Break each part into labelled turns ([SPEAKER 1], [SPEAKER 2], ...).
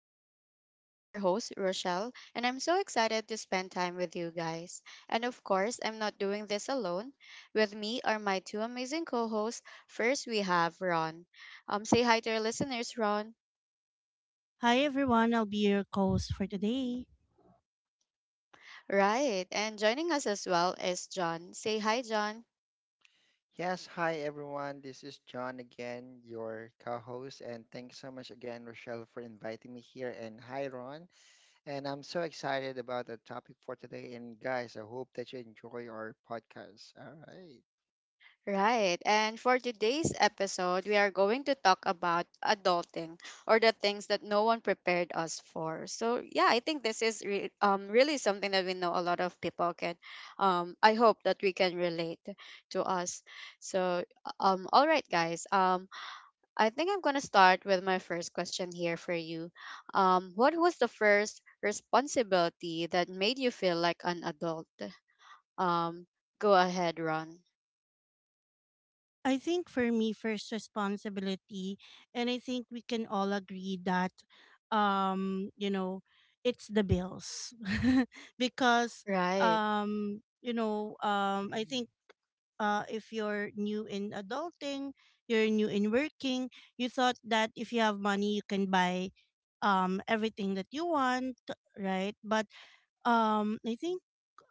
[SPEAKER 1] talks. I'm your host, Rochelle, and I'm so excited to spend time with you guys. And of course, I'm not doing this alone. With me are my two amazing co-hosts. First, we have Ron. Say hi to our listeners, Ron.
[SPEAKER 2] Hi everyone, I'll be your host for today.
[SPEAKER 1] Right, and joining us as well is John. Say hi, John.
[SPEAKER 3] Yes, hi everyone. This is John again, your co-host, and thanks so much again, Rochelle, for inviting me here. And hi, Ron. And I'm so excited about the topic for today. And guys, I hope that you enjoy our podcast. All right.
[SPEAKER 1] Right. And for today's episode, we are going to talk about adulting or the things that no one prepared us for. So, yeah, I think this is really something that we know a lot of people I hope that we can relate to us. So, all right, guys. I think I'm going to start with my first question here for you. What was the first responsibility that made you feel like an adult? Um, go ahead, Ron.
[SPEAKER 2] I think for me, first responsibility, and I think we can all agree that, you know, it's the bills, because,
[SPEAKER 1] Right.
[SPEAKER 2] you know, I
[SPEAKER 3] Mm,
[SPEAKER 2] think if you're new in adulting, you're new in working, you thought that if you have money, you can buy, everything that you want, right? But I think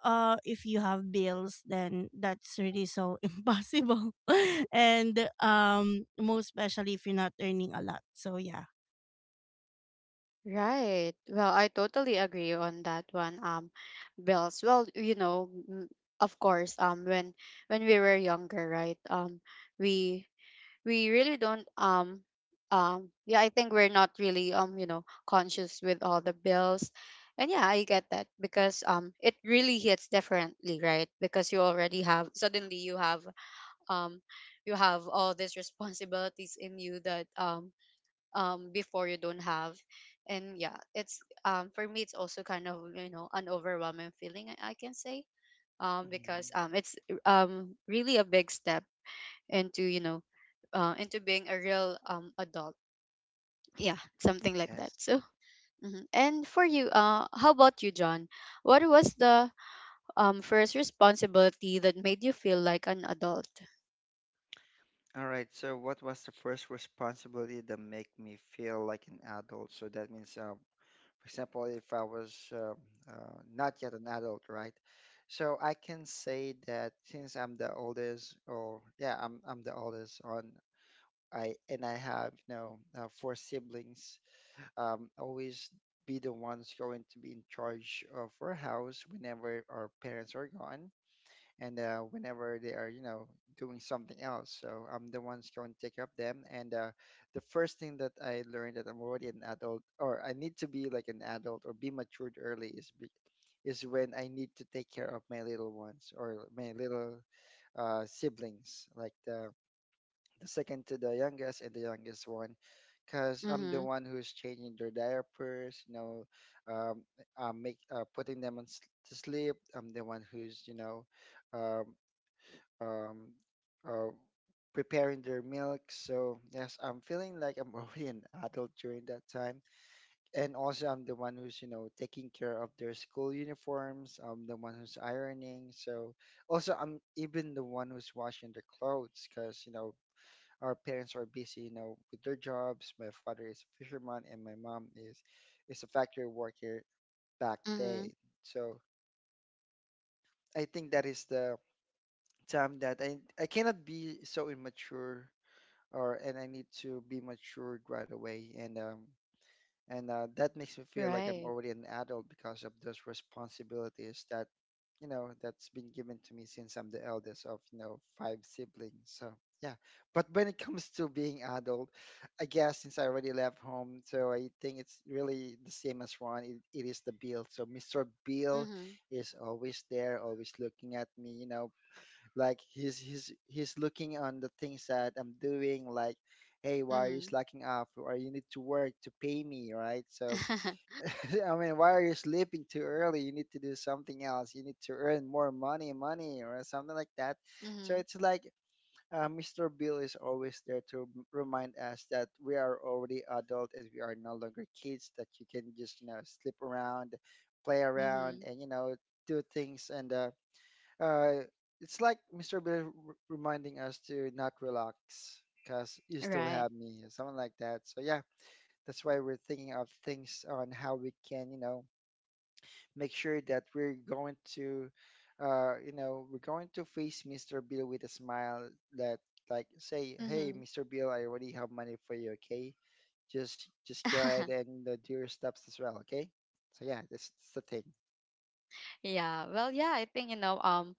[SPEAKER 2] if you have bills then that's really so impossible. And most especially if you're not earning a lot, so yeah,
[SPEAKER 1] Right. Well, I totally agree on that one, Bells. Well, of course, when we were younger, right? We we really don't, yeah, I think we're not really, conscious with all the bills. And yeah, I get that because, it really hits differently, right? Because you already have suddenly um you have all these responsibilities in you that, before, you don't have. And yeah, it's for me, it's also kind of, an overwhelming feeling, I can say,
[SPEAKER 3] mhm.
[SPEAKER 1] because, it's, really a big step, into you know into being a real, adult, yeah, something like that.
[SPEAKER 3] Yes.
[SPEAKER 1] So, mhm. And for you, how about you, John? What was the, first responsibility that made you feel like an adult?
[SPEAKER 3] All right. So, what was the first responsibility that make me feel like an adult? So that means for example, if I was not yet an adult, right? So I can say that since I'm the oldest, or yeah, I'm the oldest on I and I have four siblings. Always be the ones going to be in charge of our house whenever our parents are gone and whenever they are you know doing something else, so I'm the one's going to take care of them, and the first thing that I learned that I'm already an adult, or I need to be like an adult or be matured early is is when I need to take care of my little ones or my little siblings, like the second to the youngest and the youngest one, because I'm the
[SPEAKER 1] Mm-hmm.
[SPEAKER 3] one who's changing their diapers, you know. um, Make putting them on to sleep. I'm the one who's you know um, um, uh, preparing their milk. So yes, I'm feeling like I'm already an adult during that time. And also, I'm the one who's you know taking care of their school uniforms. I'm the one who's ironing. So also, I'm even the one who's washing their clothes, because you know our parents are busy, you know, with their jobs. My father is a fisherman, and my mom is a factory worker back
[SPEAKER 1] Mm-hmm.
[SPEAKER 3] then. So I think that is the time that I cannot be so immature or and I need to be matured right away, and that makes me feel like I'm
[SPEAKER 1] Right.
[SPEAKER 3] already an adult because of those responsibilities that, you know, that's been given to me since I'm the eldest of you know five siblings. So yeah, but when it comes to being adult, I guess since I already left home, so I think it's really the same as Ron. It is the bill. So Mr. Bill
[SPEAKER 1] Mm-hmm.
[SPEAKER 3] is always there, always looking at me. You know, like he's looking on the things that I'm doing, like, hey, why are you
[SPEAKER 1] Mm-hmm.
[SPEAKER 3] slacking off? Or you need to work to pay me, right? So I mean, why are you sleeping too early? You need to do something else. You need to earn more money or something like that. So
[SPEAKER 1] Mm-hmm.
[SPEAKER 3] it's like Mr. Bill is always there to remind us that we are already adult and we are no longer kids, that you can just you know slip around, play around
[SPEAKER 1] Mm-hmm.
[SPEAKER 3] and you know do things. And uh, it's like Mr. Bill reminding us to not relax because you still
[SPEAKER 1] Right.
[SPEAKER 3] have me, something like that. So yeah, that's why we're thinking of things on how we can, you know, make sure that we're going to, you know, we're going to face Mr. Bill with a smile that like say, hey,
[SPEAKER 1] Mhm.
[SPEAKER 3] Mr. Bill, I already have money for you, okay? Just go ahead and do your steps as well, okay? So yeah, that's the thing.
[SPEAKER 1] Yeah. Well, yeah, I think, you know, um,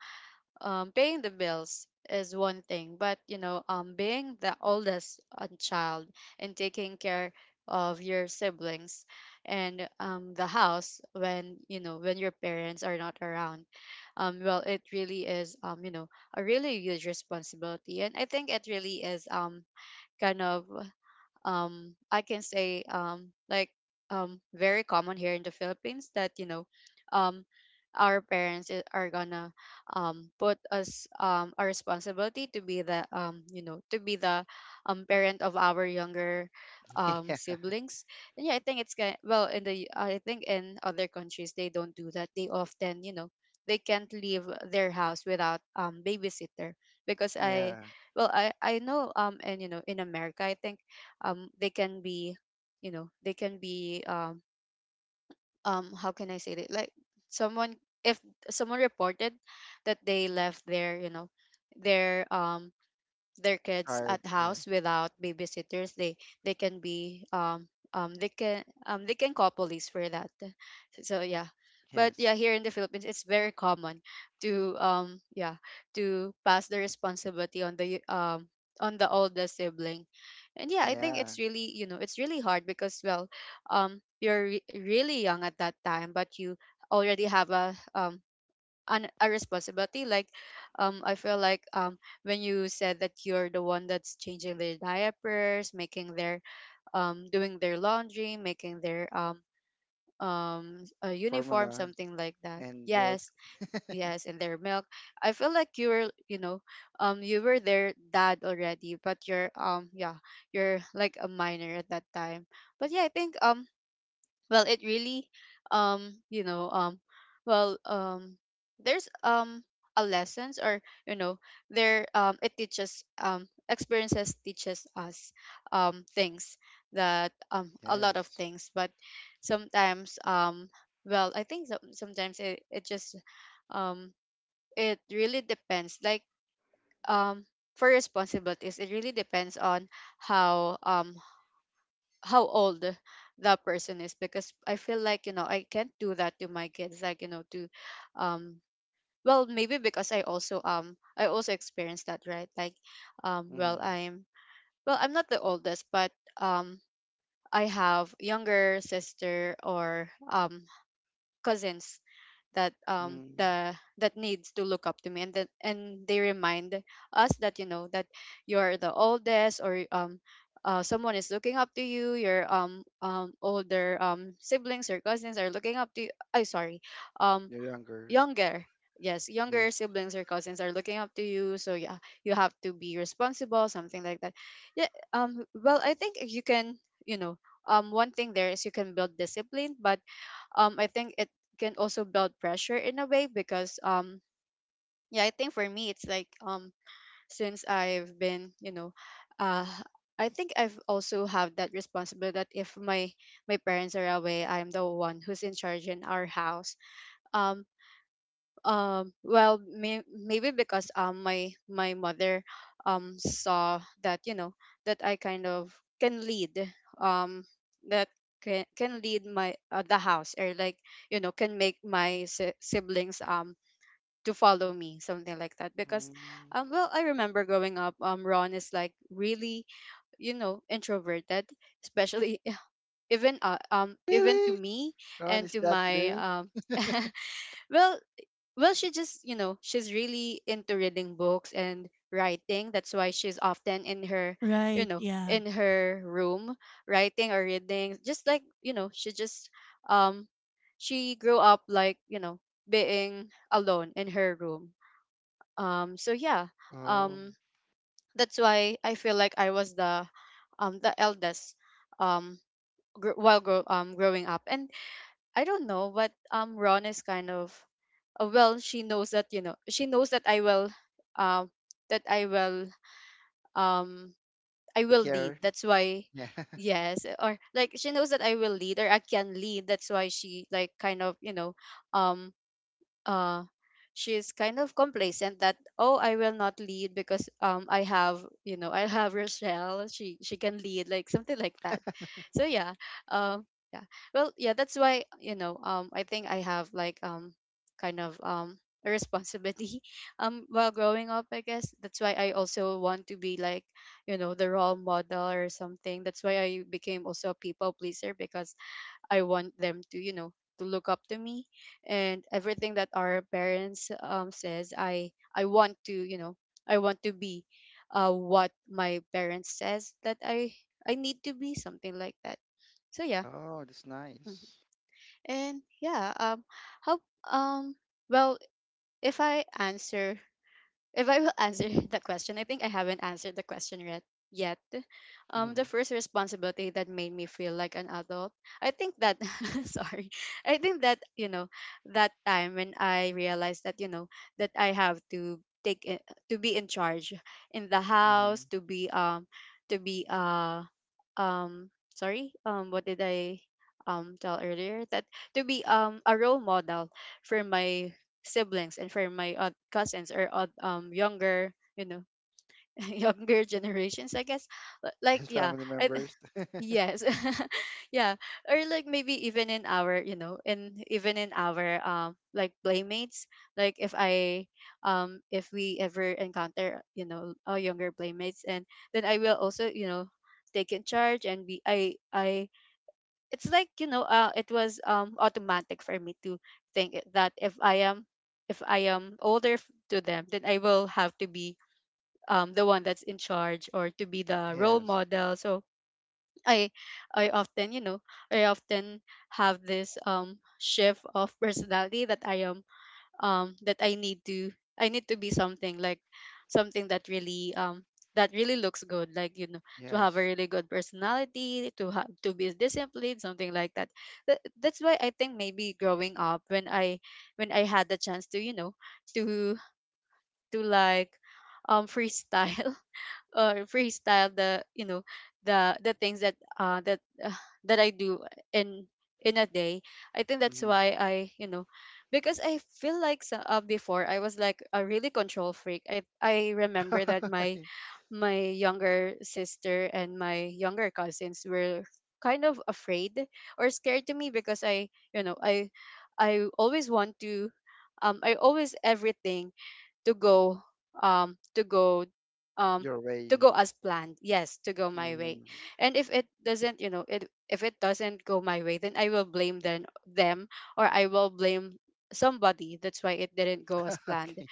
[SPEAKER 1] um, paying the bills is one thing, but, being the oldest, child, and taking care of your siblings, and, the house, when your parents are not around. Well, it really is, a really huge responsibility, and I think it really is, kind of, I can say like, very common here in the Philippines, that, um our parents, are gonna, put us, a responsibility to be the, to be the, parent of our younger,
[SPEAKER 3] Yeah,
[SPEAKER 1] siblings. And yeah, I think, it's kind well in the I think in other countries they don't do that. They often, you know they can't leave their house without, babysitter, because I
[SPEAKER 3] yeah,
[SPEAKER 1] well, I know, and, in America I think, they can be, they can be, how can I say it, like someone, if someone reported that they left their, their, their kids
[SPEAKER 3] child,
[SPEAKER 1] at house
[SPEAKER 3] yes,
[SPEAKER 1] without babysitters, they can be they can call police for that. So yeah. But yeah,
[SPEAKER 3] yes,
[SPEAKER 1] here in the Philippines it's very common to, to pass the responsibility on the, on the older sibling. And yeah, I think,
[SPEAKER 3] yeah.
[SPEAKER 1] it's really hard because, you're, really young at that time, but you already have, a responsibility. Like, I feel like, when you said that you're the one that's changing their diapers, making their, doing their laundry, making their, a uniform,
[SPEAKER 3] Formula
[SPEAKER 1] something like that.
[SPEAKER 3] and milk.
[SPEAKER 1] Yes. Yes, and their milk. I feel like you were their dad already, but you're like a minor at that time. But yeah, I think, well it really you know well there's, a lessons or you know there it teaches, experiences teaches us, things, that a lot of
[SPEAKER 3] Yes.
[SPEAKER 1] things. But sometimes, well, I think, sometimes it just, um it really depends. Like, um for responsibilities, it really depends on how, how old that person is, because I feel like, I can't do that to my kids, like, to um well, maybe because I also, I also experienced that, right? Like, um well
[SPEAKER 3] Mm.
[SPEAKER 1] I'm well, I'm not the oldest, but, um I have younger sister, or, cousins that
[SPEAKER 3] Mm.
[SPEAKER 1] the that needs to look up to me, and they remind us that, that you're the oldest, or, someone is looking up to you, your, older, siblings or cousins are looking up to you. I Sorry, um
[SPEAKER 3] You're younger.
[SPEAKER 1] younger. Yes, younger
[SPEAKER 3] Yes.
[SPEAKER 1] siblings or cousins are looking up to you. So yeah, you have to be responsible, something like that. Yeah. Well, I think you can, you know one thing there is, you can build discipline. But, I think it can also build pressure in a way, because, yeah, I think for me it's like, since I've been, you know, uh I think I've also have that responsibility that if my parents are away, I'm the one who's in charge in our house. Um, well, maybe because, my mother, saw that, that I kind of can lead, um that can lead my, the house, or like, can make my, siblings, to follow me, something like that. Because,
[SPEAKER 3] Mm.
[SPEAKER 1] well, I remember growing up, Ron is like really, introverted, especially, even, even to
[SPEAKER 3] Really?
[SPEAKER 1] me,
[SPEAKER 3] Ron,
[SPEAKER 1] and
[SPEAKER 3] is
[SPEAKER 1] to
[SPEAKER 3] that
[SPEAKER 1] my,
[SPEAKER 3] true?
[SPEAKER 1] well well she just, she's really into reading books and writing, that's why she's often in her,
[SPEAKER 2] right, yeah.
[SPEAKER 1] in her room writing or reading. Just like, um she grew up like, being alone in her room. So yeah.
[SPEAKER 3] Oh,
[SPEAKER 1] um that's why I feel like I was the, the eldest, um while growing up. And I don't know, but, Ron is kind of, well, she knows that, she knows that I will, um that i will um I
[SPEAKER 3] take
[SPEAKER 1] will lead,
[SPEAKER 3] care.
[SPEAKER 1] that's why.
[SPEAKER 3] Yeah.
[SPEAKER 1] Yes, or like, she knows that I will lead or I can lead. That's why um uh she's kind of complacent, that, oh, I will not lead because, I have Rochelle, she can lead, like something like that. So yeah. um yeah, well yeah, that's why, I think I have, like, kind of, a responsibility while growing up, I guess. That's why I also want to be like, the role model or something. That's why I became also a people pleaser, because I want them to, to look up to me, and everything that our parents, says, I want to, you know, I want to be what my parents says that I need to be, something like that. So yeah.
[SPEAKER 3] Oh, that's
[SPEAKER 1] Mhm.
[SPEAKER 3] nice.
[SPEAKER 1] And yeah, how um well, if I answer if I will answer the question. I think I haven't answered the question yet. Yet, the
[SPEAKER 3] Hmm.
[SPEAKER 1] first responsibility that made me feel like an adult, I think that, sorry, I think that, that time when I realized, that that I have to, take i- to be in charge in the house,
[SPEAKER 3] Hmm.
[SPEAKER 1] to be sorry, what did I, tell earlier, that to be, a role model for my siblings, and for my, cousins, or, younger, younger generations, I guess. Like,
[SPEAKER 3] His
[SPEAKER 1] yeah.
[SPEAKER 3] family
[SPEAKER 1] I,
[SPEAKER 3] members.
[SPEAKER 1] Yes. Yeah. Or like, maybe even in our, you know, in even in our, playmates. Like, if we ever encounter, our younger playmates, and then I will also, take in charge, and be I it's like, it was, automatic for me to, that if I am older, to them, then I will have to be, the one that's in charge, or to be the role
[SPEAKER 3] Yes.
[SPEAKER 1] model. So I I often, I often have this, shift of personality, that I am, that I need to be something like, something that really, that really looks good. Like, to have a
[SPEAKER 3] Yes.
[SPEAKER 1] really good personality, to have to be disciplined, something like that. That's why I think maybe growing up, when I had the chance to, to to, like, freestyle, freestyle the, the things that I do in in a day. I think that's
[SPEAKER 3] Hmm.
[SPEAKER 1] why I because I feel like before I was like a really control freak. I remember that my my younger sister and my younger cousins were kind of afraid or scared to me, because you know I I always want to, I always, everything to go, um to go um
[SPEAKER 3] Your
[SPEAKER 1] to
[SPEAKER 3] way.
[SPEAKER 1] go as planned, yes, to go my way.
[SPEAKER 3] Hmm.
[SPEAKER 1] And if it doesn't, you know it if it doesn't go my way, then I will blame them, or I will blame somebody, that's why it didn't go as planned.
[SPEAKER 3] Okay.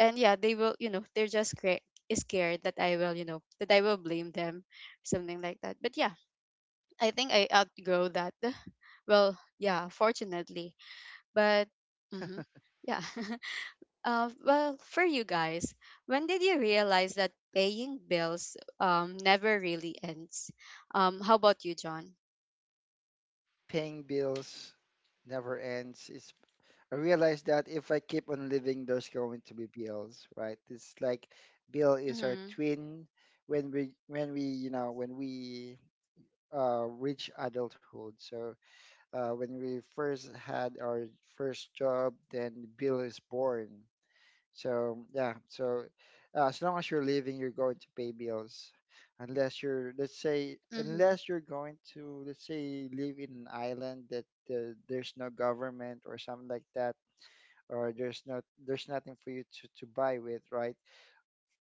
[SPEAKER 1] And yeah, they will, they're just scared that I will, blame them, something like that. But yeah, I think I outgrow that. Well, yeah, fortunately, but hmm yeah. Well, for you guys, when did you realize that paying bills never really ends? How about you, John?
[SPEAKER 3] Paying bills never ends. It's I realized that if I keep on living, there's going to be bills, right? It's like Bill is our
[SPEAKER 1] Mm-hmm.
[SPEAKER 3] twin when we you know when we reach adulthood. So when we first had our first job, then Bill is born. So yeah, so as long as you're living, you're going to pay bills, unless you're let's say
[SPEAKER 1] Mm-hmm.
[SPEAKER 3] unless you're going to let's say live in an island that there's no government or something like that, or there's not there's nothing for you to buy with, right?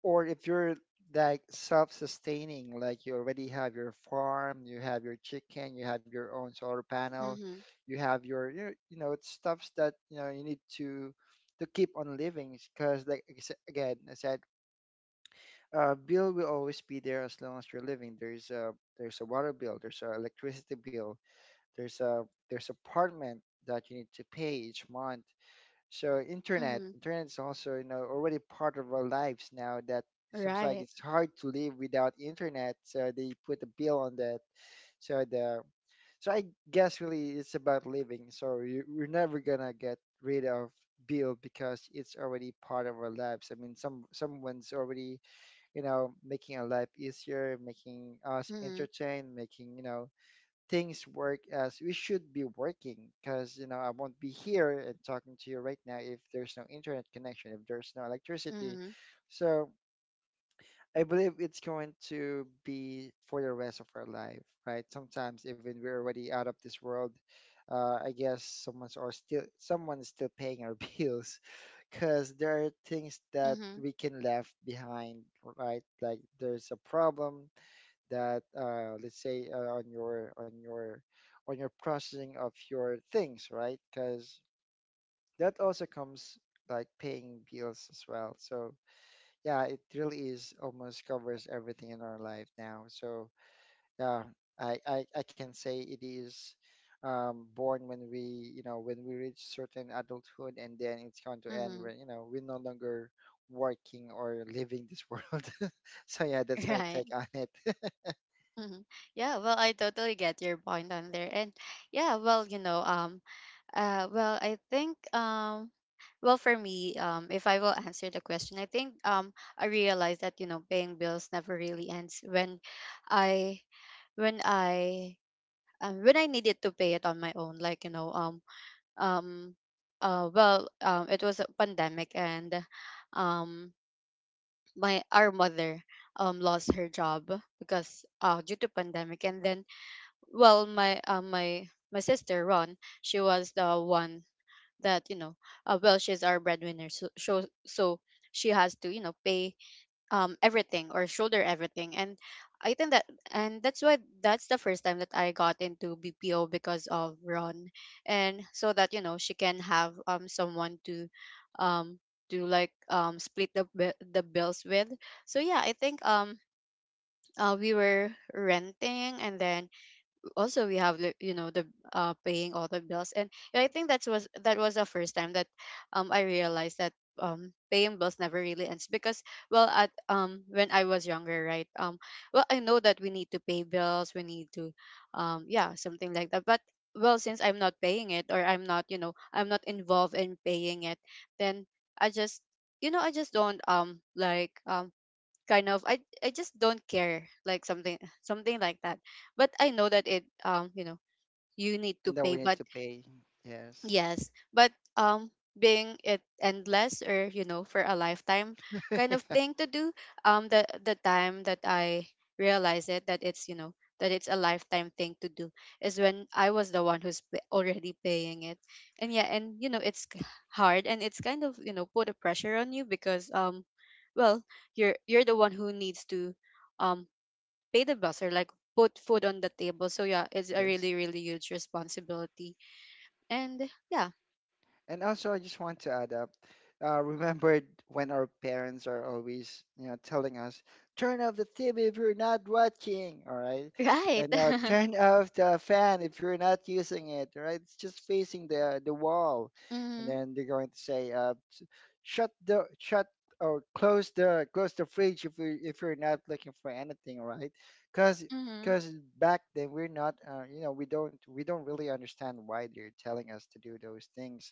[SPEAKER 3] Or if you're like self-sustaining, like you already have your farm, you have your chicken, you have your own solar panel,
[SPEAKER 1] Mm-hmm.
[SPEAKER 3] you have your you know it's stuffs that you know you need to keep on living. Because like I sa- again I said, bill will always be there as long as you're living. There's a water bill, there's a electricity bill, there's a there's apartment that you need to pay each month. So internet,
[SPEAKER 1] Mm-hmm.
[SPEAKER 3] internet is also you know already part of our lives now. That seems like
[SPEAKER 1] Right.
[SPEAKER 3] it's hard to live without internet. So they put a bill on that. So the so I guess really it's about living. So we're never gonna get rid of bill because it's already part of our lives. I mean, some someone's already you know making our life easier, making us
[SPEAKER 1] Mm-hmm.
[SPEAKER 3] entertained, making you know things work as we should be working. Because you know I won't be here and talking to you right now if there's no internet connection, if there's no electricity.
[SPEAKER 1] Mm-hmm.
[SPEAKER 3] So I believe it's going to be for the rest of our life, right? Sometimes even we're already out of this world, I guess someone's or still someone is still paying our bills, because there are things that
[SPEAKER 1] Mm-hmm.
[SPEAKER 3] we can left behind, right? Like there's a problem that let's say on your on your processing of your things, right? Because that also comes like paying bills as well. So yeah, it really is almost covers everything in our life now. So yeah, I can say it is born when we you know when we reach certain adulthood, and then it's going to end
[SPEAKER 1] Mm-hmm.
[SPEAKER 3] when you know we're no longer working or living this world. So yeah, that's my
[SPEAKER 1] Right.
[SPEAKER 3] take on it.
[SPEAKER 1] Mm-hmm. Yeah, well, I totally get your point on there. And yeah, well, well, I think, well, for me, if I will answer the question, I think, I realized that, paying bills never really ends, when I when I when I needed to pay it on my own, like, um, well, it was a pandemic, and um, my our mother lost her job because, due to pandemic. And then, well, my my sister Ron, she was the one that, well, she's our breadwinner, so she has to, pay everything or shoulder everything. And i think that and that's why, that's the first time that I got into BPO because of Ron. And so that, she can have someone to, um to like, split the the bills with. So yeah, I think, we were renting, and then also, we have the, paying all the bills. And yeah, I think that was, the first time that I realized that paying bills never really ends. Because, well, at when I was younger, right, well, I know that we need to pay bills, we need to, yeah, something like that. But well, since I'm not paying it, or I'm not involved in paying it, then I just, don't, like, kind of, I just don't care, like, something, something like that. But I know that, it you know you need to
[SPEAKER 3] And that
[SPEAKER 1] pay,
[SPEAKER 3] we need
[SPEAKER 1] but—
[SPEAKER 3] to pay. Yes.
[SPEAKER 1] Yes, but um being it endless, or, for a lifetime kind of thing to do, the time that I realized it, that it's, a lifetime thing to do, is when I was the one who's already paying it. And yeah, and it's hard, and it's kind of, put a pressure on you, because, well, you're the one who needs to, um pay the bills, or like, put food on the table. So yeah, it's a
[SPEAKER 3] Yes.
[SPEAKER 1] really, really huge responsibility. And yeah.
[SPEAKER 3] And also, I just want to add up. Remember when our parents are always, you know, telling us, "Turn off the TV if you're not watching." All right,
[SPEAKER 1] Right.
[SPEAKER 3] and now turn off the fan if you're not using it. All right, it's just facing the wall, and
[SPEAKER 1] Mhm.
[SPEAKER 3] then they're going to say, "Shut the shut or close the fridge if you if you're not looking for anything." All right, because
[SPEAKER 1] Mhm.
[SPEAKER 3] because back then we're not, you know, we don't really understand why they're telling us to do those things.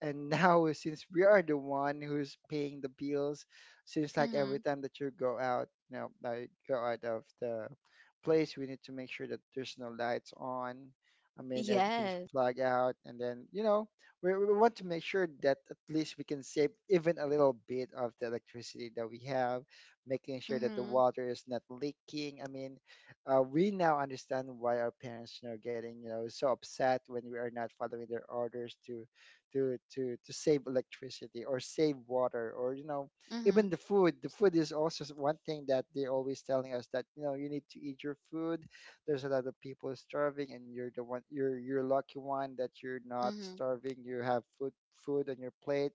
[SPEAKER 3] And now since we are the one who's paying the bills, seems like every
[SPEAKER 1] Mhm.
[SPEAKER 3] time that you go out, you know, like go out of the place, we need to make sure that there's no lights on, I mean everything's
[SPEAKER 1] Yes.
[SPEAKER 3] plugged out, and then you know we want to make sure that at least we can save even a little bit of the electricity that we have, making sure that the
[SPEAKER 1] Mhm.
[SPEAKER 3] water is not leaking. I mean, we now understand why our parents are getting you know so upset when we are not following their orders to to save electricity or save water or you know even
[SPEAKER 1] Mhm.
[SPEAKER 3] the food. The food is also one thing that they're always telling us, that you know you need to eat your food. There's a lot of people starving, and you're the one you're lucky one that you're not
[SPEAKER 1] Mhm.
[SPEAKER 3] starving, you have food on your plate,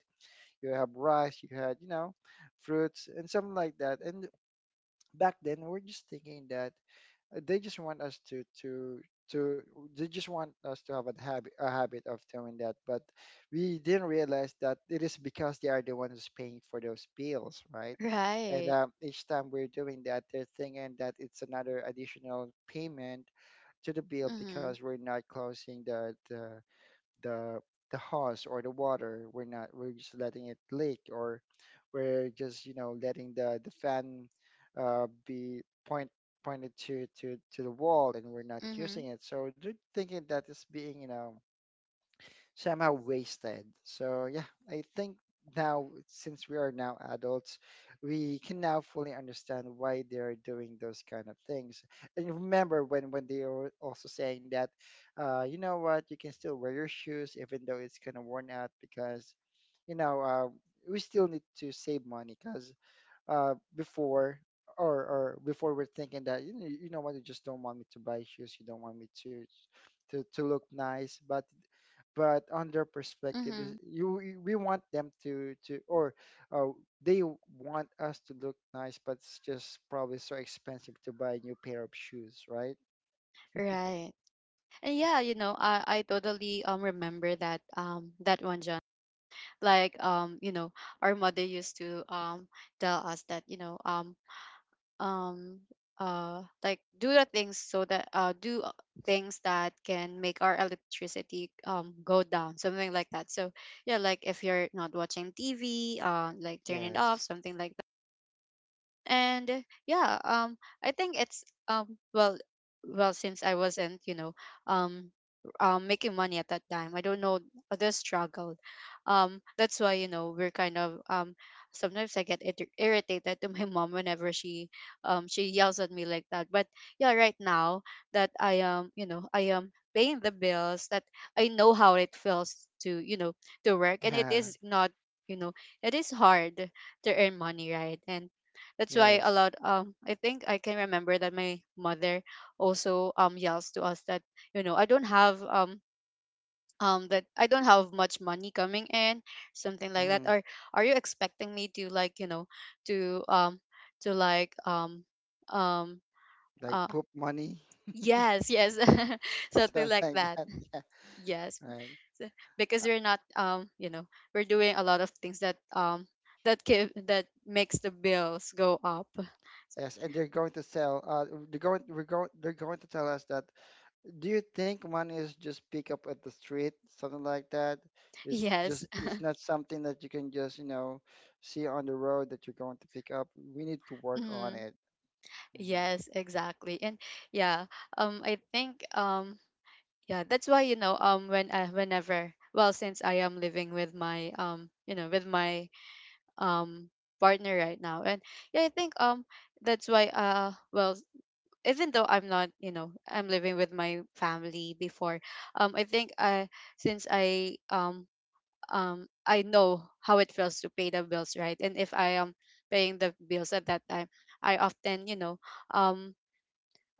[SPEAKER 3] you have rice, you had you know fruits and something like that. And back then we're just thinking that uh, they just want us to to to they just want us to have a habit of doing that, but we didn't realize that it is because they are the ones who's paying for those bills, right? And
[SPEAKER 1] Right.
[SPEAKER 3] each time we're doing that they're thinking that it's another additional payment to the bill, because
[SPEAKER 1] Mhm.
[SPEAKER 3] we're not closing the the hose or the water. We're not we're just letting it leak, or we're just you know letting the fan be point pointed to to the wall and we're not
[SPEAKER 1] Mhm.
[SPEAKER 3] using it. So they're thinking that is being you know somehow wasted. So yeah, I think now since we are now adults, we can now fully understand why they are doing those kind of things. And remember when they were also saying that, you know what, you can still wear your shoes even though it's kind of worn out, because, you know, we still need to save money. Because before. Or before we're thinking that you know, what, you just don't want me to buy shoes, you don't want me to to look nice. But on their perspective is,
[SPEAKER 1] Mhm.
[SPEAKER 3] you, we want them to or uh, they want us to look nice, but it's just probably so expensive to buy a new pair of shoes, right?
[SPEAKER 1] Right. And yeah, you know, I totally remember that, that one, John. Like, our mother used to tell us that, um like, do the things, so that, do things that can make our electricity, go down, something like that. So yeah, like, if you're not watching TV, like, turn it
[SPEAKER 3] Yes.
[SPEAKER 1] off, something like— And, yeah, I think it's, well, well, since I wasn't, um making money at that time, I don't know the struggle, that's why, we're kind of, sometimes I get irritated to my mom, whenever she, she yells at me like that. But yeah, right now that I am, I am paying the bills, that I know how it feels to, to work. And it
[SPEAKER 3] Yeah.
[SPEAKER 1] is not, you know it is hard to earn money, right? And that's why,
[SPEAKER 3] Yes.
[SPEAKER 1] a lot, I think I can remember that my mother also, yells to us that, you know I don't have that I don't have much money coming in, something like that.
[SPEAKER 3] Hmm.
[SPEAKER 1] Or, are you expecting me to, like, to, to like, um
[SPEAKER 3] Like
[SPEAKER 1] uh
[SPEAKER 3] poop money.
[SPEAKER 1] yes, yes, something like
[SPEAKER 3] Something
[SPEAKER 1] that,
[SPEAKER 3] like that. Yeah.
[SPEAKER 1] yes.
[SPEAKER 3] Right.
[SPEAKER 1] So- because
[SPEAKER 3] Uh,
[SPEAKER 1] we're not, we're doing a lot of things that, that give that makes the bills go up. So,
[SPEAKER 3] yes, and they're going to sell they're going to tell us that, do you think money is just pick up at the street, something like that? It's
[SPEAKER 1] yes.
[SPEAKER 3] just, it's not something that you can just, you know, see on the road that you're going to pick up. We need to work on
[SPEAKER 1] Mm-hmm.
[SPEAKER 3] it. Mm.
[SPEAKER 1] Yes, exactly. And yeah, I think, yeah, that's why, when I, whenever, well, since I am living with my, um partner right now. And yeah, I think, that's why, well, even though I'm not, I'm living with my family before, I think I, since I know how it feels to pay the bills, right? And if I am paying the bills at that time, I often, um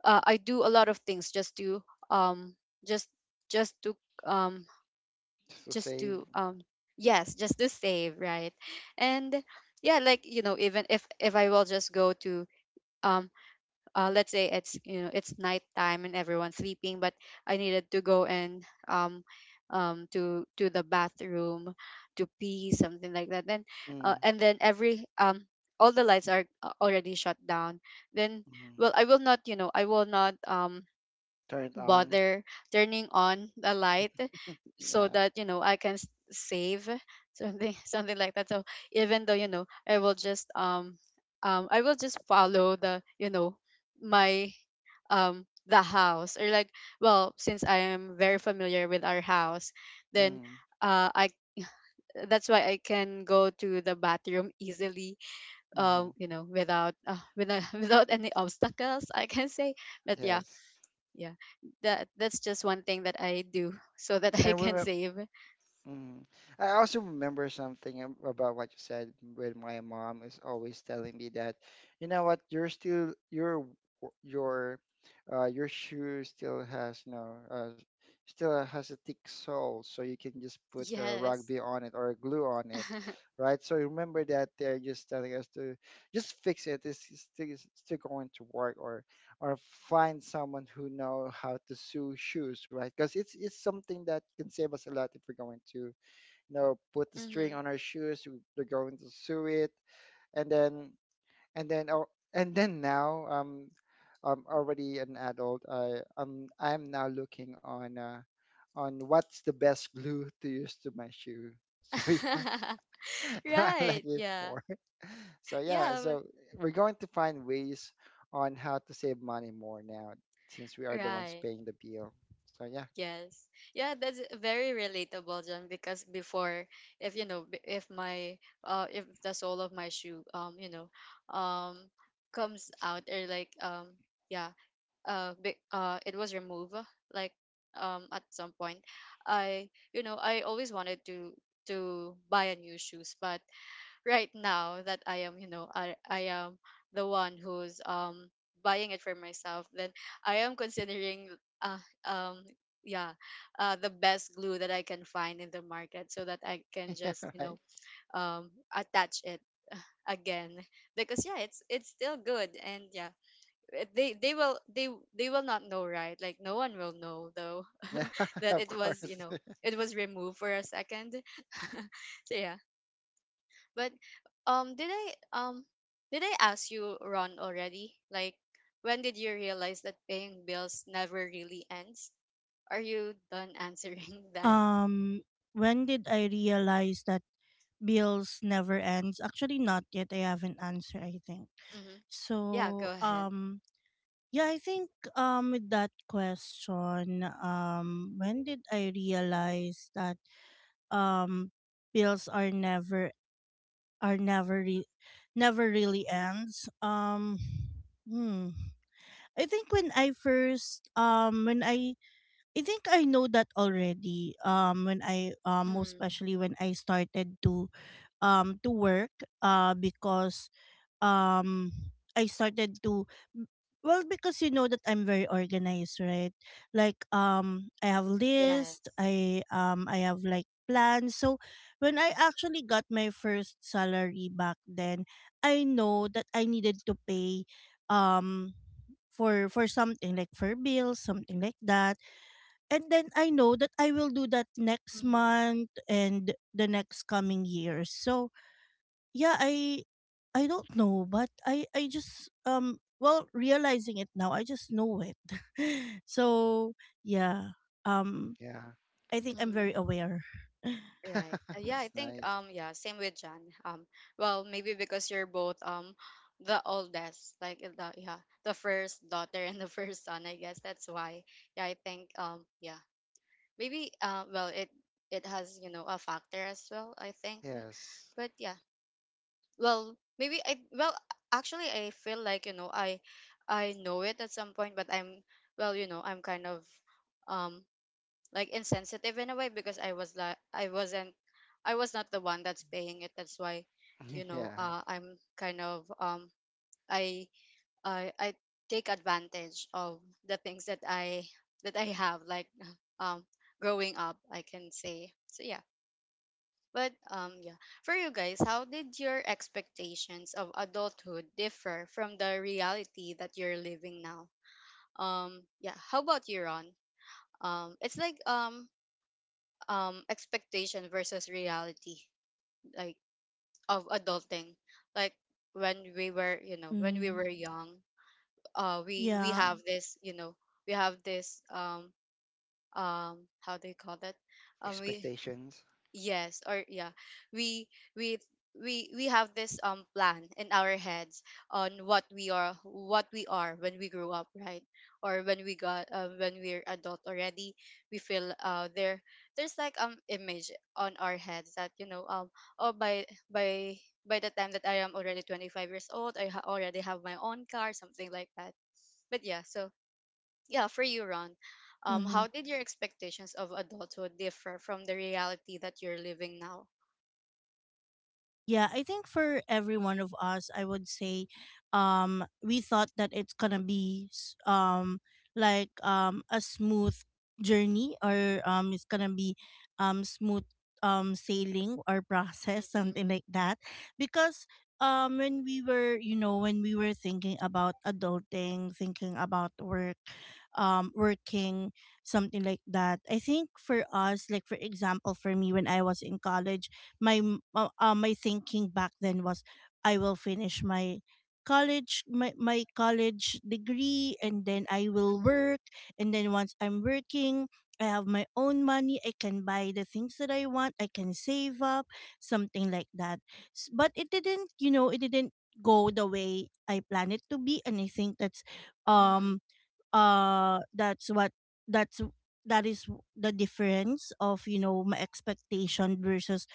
[SPEAKER 1] I do a lot of things just to, um just just to um
[SPEAKER 3] Just to
[SPEAKER 1] just
[SPEAKER 3] save.
[SPEAKER 1] to um yes, just to save, right. And yeah, like, even if I will just go to, um let's say it's, it's nighttime and everyone's sleeping, but I needed to go and, to the bathroom to pee, something like that, then,
[SPEAKER 3] Mm,
[SPEAKER 1] and then, every all the lights are, already shut down, then,
[SPEAKER 3] mm.
[SPEAKER 1] well, I will not,
[SPEAKER 3] Turn it on.
[SPEAKER 1] bother turning on the light, so
[SPEAKER 3] Yeah.
[SPEAKER 1] that, I can save something something like that. So, even though, I will just, I will just follow the, you know my the house, or like, well, since I am very familiar with our house, then,
[SPEAKER 3] Mm,
[SPEAKER 1] I that's why I can go to the bathroom easily,
[SPEAKER 3] mm.
[SPEAKER 1] without, without any obstacles, I can say. But yeah,
[SPEAKER 3] Yes.
[SPEAKER 1] yeah, that's just one thing that I do. So that I
[SPEAKER 3] And
[SPEAKER 1] can
[SPEAKER 3] remember.
[SPEAKER 1] save.
[SPEAKER 3] Mm. I also remember something about what you said. With my mom is always telling me that, you know what, you're still your w- your your shoe still has, you know, still has a thick sole, so you can just put a
[SPEAKER 1] Yes.
[SPEAKER 3] rugby on it or glue on it, right? So remember that they're just telling us to just fix it. It's still going to work. Or find someone who know how to sew shoes, right? Because it's something that can save us a lot if we're going to, you know, put the string
[SPEAKER 1] Hmm.
[SPEAKER 3] on our shoes. We're going to sew it, and then and then oh, now I'm already an adult. I'm now looking on what's the best glue to use to my shoe. So yeah. I like
[SPEAKER 1] Right.
[SPEAKER 3] it
[SPEAKER 1] Yeah.
[SPEAKER 3] for. So yeah,
[SPEAKER 1] Yeah,
[SPEAKER 3] so we're going to find ways on how to save money more now, since we are the ones
[SPEAKER 1] right.
[SPEAKER 3] paying the bill. So yeah.
[SPEAKER 1] Yes. Yeah, that's very relatable, John. Because before, if you know b- if my, if the sole of my shoe, um comes out, or like, yeah it was removed, like, at some point, I you know I always wanted to, buy a new shoes. But right now that I am you know I am the one who's, buying it for myself, then I am considering, uh, um yeah the best glue that I can find in the market, so that I can
[SPEAKER 3] Yeah,
[SPEAKER 1] just,
[SPEAKER 3] right.
[SPEAKER 1] attach it, uh, again. Because yeah, it's still good. And yeah, eh, they they will they they will not know, right? Like, no one will know, though.
[SPEAKER 3] Yeah,
[SPEAKER 1] That
[SPEAKER 3] of
[SPEAKER 1] it was,
[SPEAKER 3] course.
[SPEAKER 1] it was removed for a second. So yeah. But, did I, um ask you, Ron, already, like, when did you realize that paying bills never really ends? Are you done answering that?
[SPEAKER 2] um when did I realize that bills never ends? Actually, not yet. I have an answer, I think.
[SPEAKER 1] Hmm. Yeah, go
[SPEAKER 2] So
[SPEAKER 1] ahead.
[SPEAKER 2] yeah, I think with that question, when did I realize that um bills are are never re- never really ends? Hmm. I think when I first when I think I know that already. When I most
[SPEAKER 1] Hmm.
[SPEAKER 2] especially when I started to work because um I started to, well, because you know that I'm very organized, right? Like I have list,
[SPEAKER 1] Yes.
[SPEAKER 2] I have like plans. So when I actually got my first salary back then, I know that I needed to pay um for something like for bills, something like that. And then I know that I will do that next
[SPEAKER 1] Hmm.
[SPEAKER 2] month and the next coming years. So yeah, I don't know, but I just, well, realizing it now, I just know it. So yeah, um
[SPEAKER 3] Yeah,
[SPEAKER 2] I think I'm very aware.
[SPEAKER 1] Right. Yeah, I
[SPEAKER 3] that's
[SPEAKER 1] think,
[SPEAKER 3] nice.
[SPEAKER 1] yeah, same with John. Well, maybe because you're both, the oldest, like, the, the first daughter and the first son, I guess that's why. Yeah, I think, yeah. Maybe, well, it has, you know, a factor as well, I think.
[SPEAKER 3] Yes.
[SPEAKER 1] But yeah. Well, maybe I well, actually I feel like, you know, I know it at some point, but I'm well, I'm kind of, um like, insensitive in a way, because I was like I wasn't I was not the one that's paying it. That's why,
[SPEAKER 3] Yeah.
[SPEAKER 1] I'm kind of, I I take advantage of the things that I, have, like, um growing up, I can say. So yeah. But, yeah. For you guys, how did your expectations of adulthood differ from the reality that you're living now? Yeah, how about you, Ron? It's like, expectation versus reality, like, of adulting, like, when we were, you know when we
[SPEAKER 2] Mm-hmm.
[SPEAKER 1] were young, we
[SPEAKER 2] Yeah.
[SPEAKER 1] have this, we have this um how do you call that, we
[SPEAKER 3] Expectations.
[SPEAKER 1] yes, or yeah, we we we have this, plan in our heads on what we are when we grow up, right? Or when we got when we're adult already, we feel there's like image on our heads that oh by by by the time that I am already 25 years old, already have my own car, something like that. But yeah, for you, Ron.
[SPEAKER 2] Mm-hmm.
[SPEAKER 1] How did your expectations of adulthood differ from the reality that you're living now?
[SPEAKER 2] Yeah, I think for every one of us, I would say, we thought that it's gonna be like a smooth journey, or it's gonna be smooth sailing or process something
[SPEAKER 1] Mm-hmm,
[SPEAKER 2] like that, because when we were, you know, when we were thinking about adulting, thinking about work, working, something like that. I think for us, like for example, for me, when I was in college, my thinking back then was I will finish my college, my college degree, and then I will
[SPEAKER 1] mm-hmm,
[SPEAKER 2] work, and then once I'm working, I have my own money, I can buy the things that I want, I can save up, something like that. But it didn't, you know, it didn't go the way I planned it to be, and I think
[SPEAKER 1] mm-hmm,
[SPEAKER 2] um that's what that's that is the difference of, you know, my expectation versus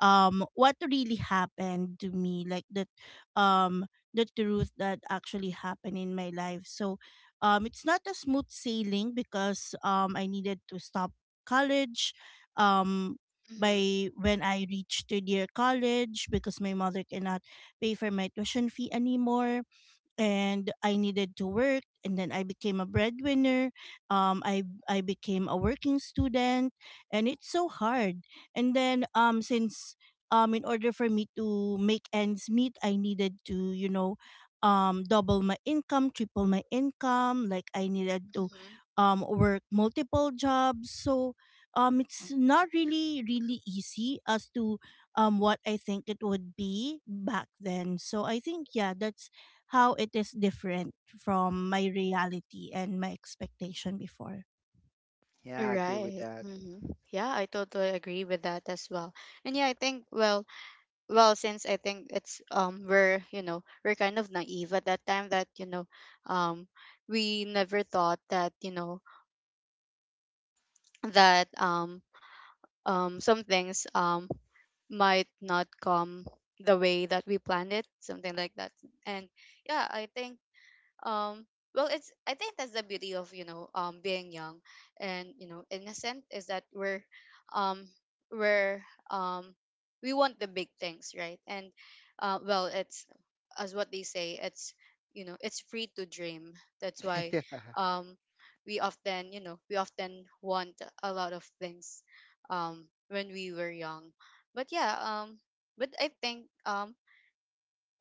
[SPEAKER 2] what really happened to me, like that, um the truth that actually happened in my life. So it's not a smooth sailing because I needed to stop college um
[SPEAKER 1] mm-hmm,
[SPEAKER 2] by when I reached third year college, because my mother cannot pay for my tuition fee anymore, and I needed to work, and then I became a breadwinner. I became a working student, and it's so hard. And then since in order for me to make ends meet, I needed to, you know, double my income, triple my income, like I needed to
[SPEAKER 1] hmm.
[SPEAKER 2] work multiple jobs. So it's not really really easy as to what I think it would be back then. So I think, yeah, that's how it is different from my reality and my expectation before.
[SPEAKER 3] Yeah, I agree with
[SPEAKER 1] Right.
[SPEAKER 3] that.
[SPEAKER 1] Mm-hmm. Yeah, I totally agree with that as well. And yeah, I think since I think it's we're we're kind of naive at that time that um we never thought that that um some things might not come the way that we planned it, something like that. And yeah, I think um well it's I think that's the beauty of being young and innocent is that um we're um we want the big things, right? And well it's as what they say, it's it's free to dream. That's why
[SPEAKER 3] Yeah.
[SPEAKER 1] um we often we often want a lot of things when we were young. But I think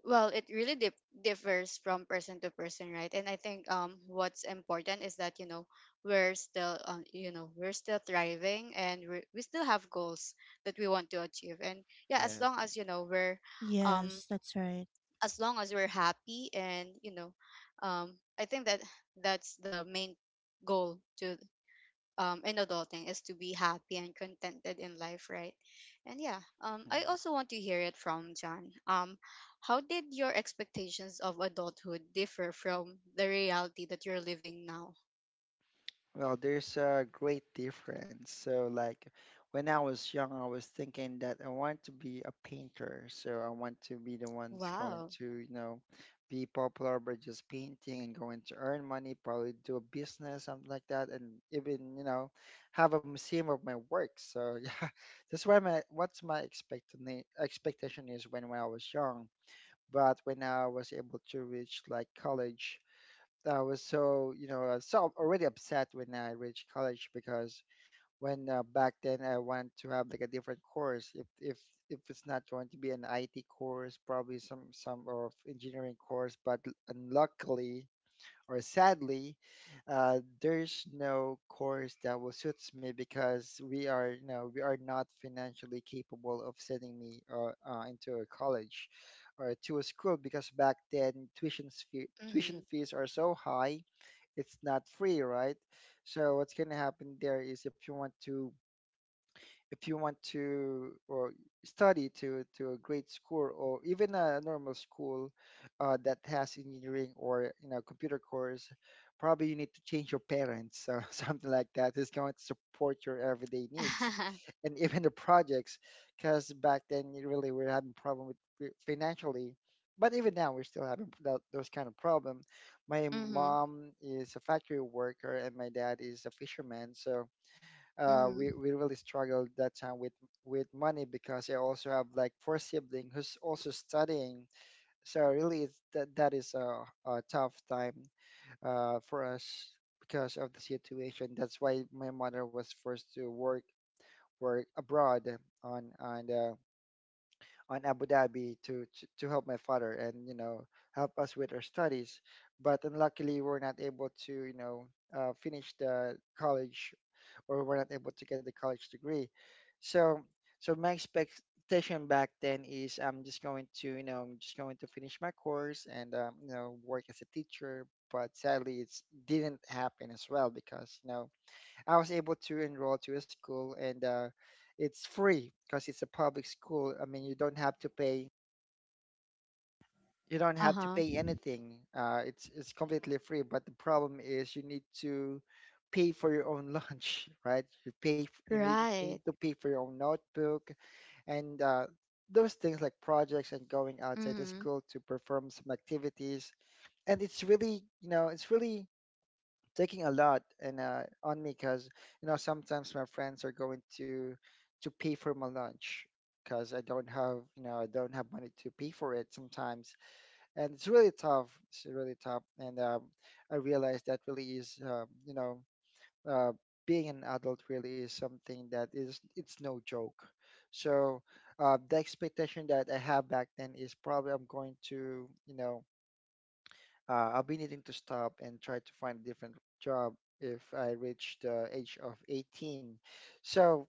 [SPEAKER 1] well, it really differs from person to person, right? And I think what's important is that we're still we're still thriving and we still have goals that we want to achieve. And yeah, as long
[SPEAKER 3] Yes.
[SPEAKER 1] as we're um
[SPEAKER 2] Yes, that's right.
[SPEAKER 1] as long as we're happy and I think that that's the main goal to in adulting is to be happy and contented in life, right? And yeah, I
[SPEAKER 3] Mm-hmm.
[SPEAKER 1] also want to hear it from John. How did your expectations of adulthood differ from the reality that you're living now?
[SPEAKER 3] Well, there's a great difference. So, like, when I was young, I was thinking that I want to be a painter. So I want to be the ones going
[SPEAKER 1] Wow.
[SPEAKER 3] to, you know, be popular by just painting and going to earn money, probably do a business, something like that, and even, you know, have a museum of my work. So, yeah, that's why my what's my expectation is when I was young. But when I was able to reach like college. I was so, you know, so already upset when I reached college because when back then I wanted to have like a different course. If if it's not going to be an IT course, probably some of engineering course. But unluckily, or sadly, there's no course that will suits me because we are, you know, we are not financially capable of sending me into a college or to a school because back then
[SPEAKER 1] Mm-hmm.
[SPEAKER 3] tuition fees are so high. It's not free, right? So what's gonna happen there is, if you want to if you want to or study to a great school or even a normal school that has engineering or, you know, computer course, probably you need to change your parents, so something like that is going to support your everyday needs and even the projects, because back then you really were having problem with financially, but even now we're still having that, those kind of problem. My
[SPEAKER 1] mm-hmm.
[SPEAKER 3] mom is a factory worker and my dad is a fisherman, so
[SPEAKER 1] Mm-hmm.
[SPEAKER 3] we really struggled that time with money because I also have like 4 siblings who's also studying. So really, it's, that that is a tough time for us because of the situation. That's why my mother was forced to work work abroad on on uh, on Abu Dhabi to help my father and, you know, help us with our studies. But unluckily, we're not able to, you know, finish the college, or were not able to get the college degree. So, so my expectation back then is, I'm just going to, you know, I'm just going to finish my course and, you know, work as a teacher. But sadly, it didn't happen as well because, you know, I was able to enroll to a school and it's free because it's a public school. I mean, you don't have to pay, you don't have to
[SPEAKER 1] Uh-huh.
[SPEAKER 3] pay anything. It's completely free. But the problem is, you need to pay for your own lunch, right? You pay you need
[SPEAKER 1] Right.
[SPEAKER 3] to pay for your own notebook and those things like projects and going outside the
[SPEAKER 1] Mm-hmm.
[SPEAKER 3] school to perform some activities. And it's really, you know, it's really taking a lot and on me, because you know, sometimes my friends are going to pay for my lunch because I don't have, you know, I don't have money to pay for it sometimes, and it's really tough. It's really tough, and I realized that really is, you know, uh, being an adult really is something that is, it's no joke. So the expectation that I have back then is, probably I'm going to, you know, I'll be needing to stop and try to find a different job if I reach the age of 18. So